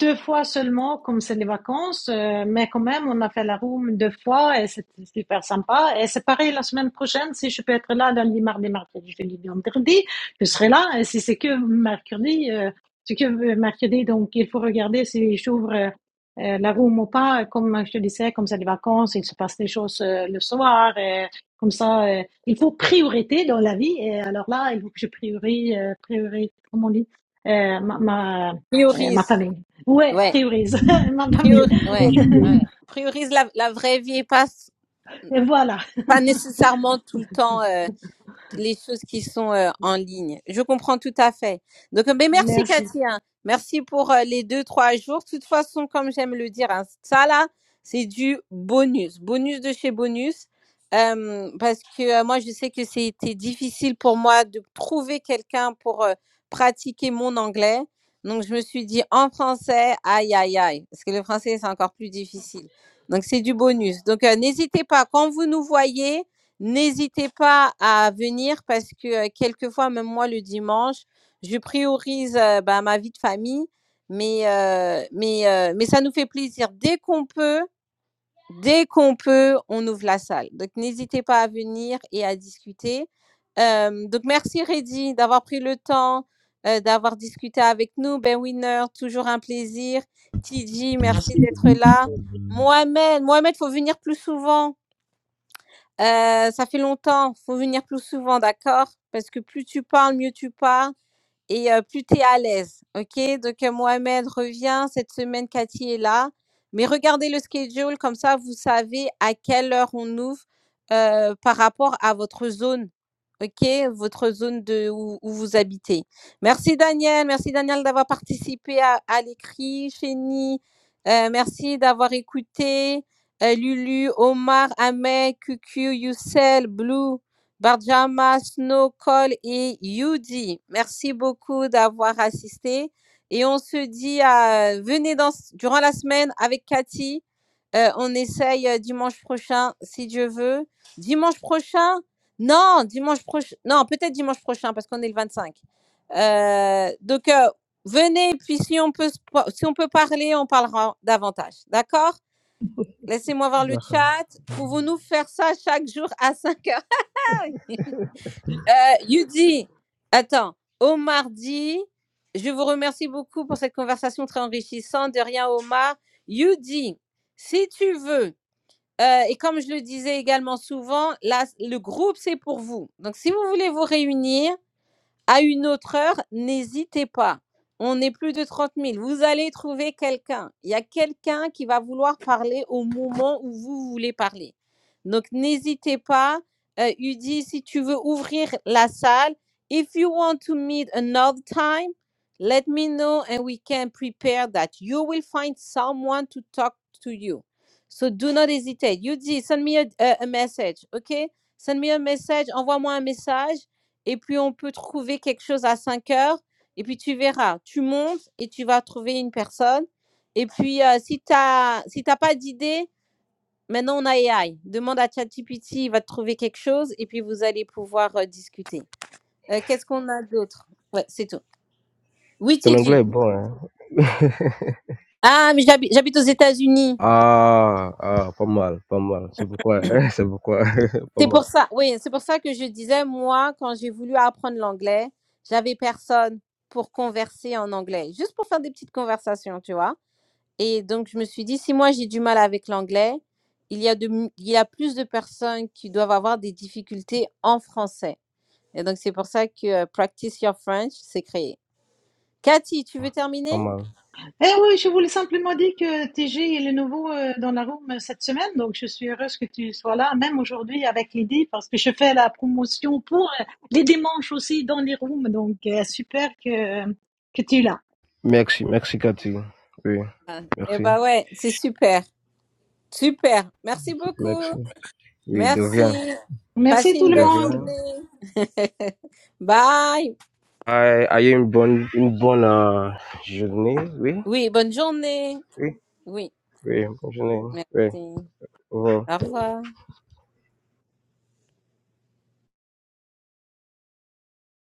deux fois seulement, comme c'est les vacances, euh, mais quand même, on a fait la room deux fois et c'était super sympa. Et c'est pareil la semaine prochaine, si je peux être là lundi, mardi, mercredi, jeudi, vendredi, je serai là. Et si c'est que mercredi, euh, si c'est que mercredi, donc il faut regarder si j'ouvre euh, euh, la room ou pas. Comme je te disais, comme c'est les vacances, il se passe des choses euh, le soir. Et, Comme ça, euh, il faut priorité dans la vie. Et alors là, il faut que je priorise, euh, priorise, comment on dit, euh, ma, ma, euh, ma Priorise. famille. Ouais, Ouais. priorise ma famille. Priori- ouais, ouais. Priorise la, la vraie vie et pas, Et voilà. pas nécessairement tout le temps. euh, les choses qui sont euh, en ligne. Je comprends tout à fait. Donc, euh, mais merci Merci. Cathy. hein. Merci pour euh, les deux, trois jours. De toute façon, comme j'aime le dire, hein, ça là, c'est du bonus. Bonus de chez bonus. Euh, parce que euh, moi, je sais que c'était difficile pour moi de trouver quelqu'un pour euh, pratiquer mon anglais. Donc, je me suis dit en français, aïe, aïe, aïe. Parce que le français, c'est encore plus difficile. Donc, c'est du bonus. Donc, euh, n'hésitez pas, quand vous nous voyez, N'hésitez pas à venir parce que, heu, quelquefois, même moi le dimanche, je priorise, heu, bah, ma vie de famille, mais heu mais heu, mais ça nous fait plaisir. Dès qu'on peut dès qu'on peut, on ouvre la salle. Donc n'hésitez pas à venir et à discuter. Hem, donc merci Reddy d'avoir pris le temps, heu, d'avoir discuté avec nous. Ben Winner, toujours un plaisir. Tidji, Merci. merci d'être là. Mohamed, Mohamed, faut venir plus souvent. Heu, ça fait longtemps, faut venir plus souvent, d'accord? Parce que plus tu parles, mieux tu parles et euh, plus tu es à l'aise. OK? Donc, euh, Mohamed revient. Cette semaine, Cathy est là. Mais regardez le schedule, comme ça, vous savez à quelle heure on ouvre euh, par rapport à votre zone. OK? Votre zone de où, où vous habitez. Merci, Daniel. Merci, Daniel, d'avoir participé à, à l'écrit. Chéni, euh, merci d'avoir écouté. Euh, Lulu, Omar, Ahmed, QQ, Youssel, Blue. Barjama, Snow, Cole et Yudi, merci beaucoup d'avoir assisté. Et on se dit, à, venez dans, durant la semaine avec Cathy. Euh, on essaye euh, dimanche prochain, si Dieu veut. Dimanche prochain Non, dimanche prochain. Non, peut-être dimanche prochain, parce qu'on est le 25. Euh, donc, euh, venez, puis si on, peut, se par- si on peut parler, on parlera davantage. D'accord D'accord. Laissez-moi voir le D'accord. chat. Mhm. Pouvons-nous faire ça chaque jour à 5 heures You dit, attends, Omar dit, je vous remercie beaucoup pour cette conversation très enrichissante. De rien, Omar. You dit, si tu veux, euh, et comme je le disais également souvent, là, le groupe, c'est pour vous. Donc, si vous voulez vous réunir, à une autre heure, n'hésitez pas. On est plus de trente mille. Vous allez trouver quelqu'un. Il y a quelqu'un qui va vouloir parler au moment où vous voulez parler. Donc, n'hésitez pas. Euh, Udi, si tu veux ouvrir la salle, if you want to meet another time, let me know and we can prepare that. You will find someone to talk to you. So do not hesitate. Udi, send me a, a a message, okay? Send me a message, envoie-moi un message et puis on peut trouver quelque chose à 5 heures et puis tu verras, tu montes et tu vas trouver une personne et puis euh, si tu as si t'as pas d'idée, maintenant on a AI. Demande à ChatGPT, il va te trouver quelque chose et puis vous allez pouvoir euh, discuter. Euh, qu'est-ce qu'on a d'autre Ouais, c'est tout. Oui, Ton TG. anglais est bon, hein? Ah, mais j'habite, j'habite aux États-Unis. Ah, ah, pas mal, pas mal. C'est pourquoi, c'est pourquoi, pas C'est mal, pour ça. Oui, c'est pour ça que je disais moi quand j'ai voulu apprendre l'anglais, j'avais personne pour converser en anglais, juste pour faire des petites conversations, tu vois. Et donc, je me suis dit, si moi j'ai du mal avec l'anglais, il y a de, m- il y a plus de personnes qui doivent avoir des difficultés en français. Et donc, c'est pour ça que euh, Practice Your French s'est créé. Cathy, tu veux pas terminer? mal. Et oui, je voulais simplement dire que TG il est le nouveau euh, dans la room cette semaine, donc je suis heureuse que tu sois là, même aujourd'hui avec Lydie, parce que je fais la promotion pour euh, les dimanches aussi dans les rooms, donc euh, super que, euh, que tu es là. Merci, merci Cathy. Oui, Ah, Eh merci, ben ouais, c'est super. Super. Merci beaucoup. merci. Oui, de rien, Merci. Merci Passez tout une le de belle monde. rien. journée. Bye. Aïe, Ayez une bonne, une bonne euh, journée, oui, Oui, bonne journée. oui, Oui, oui, bonne journée, oui. merci. Au revoir. Au revoir.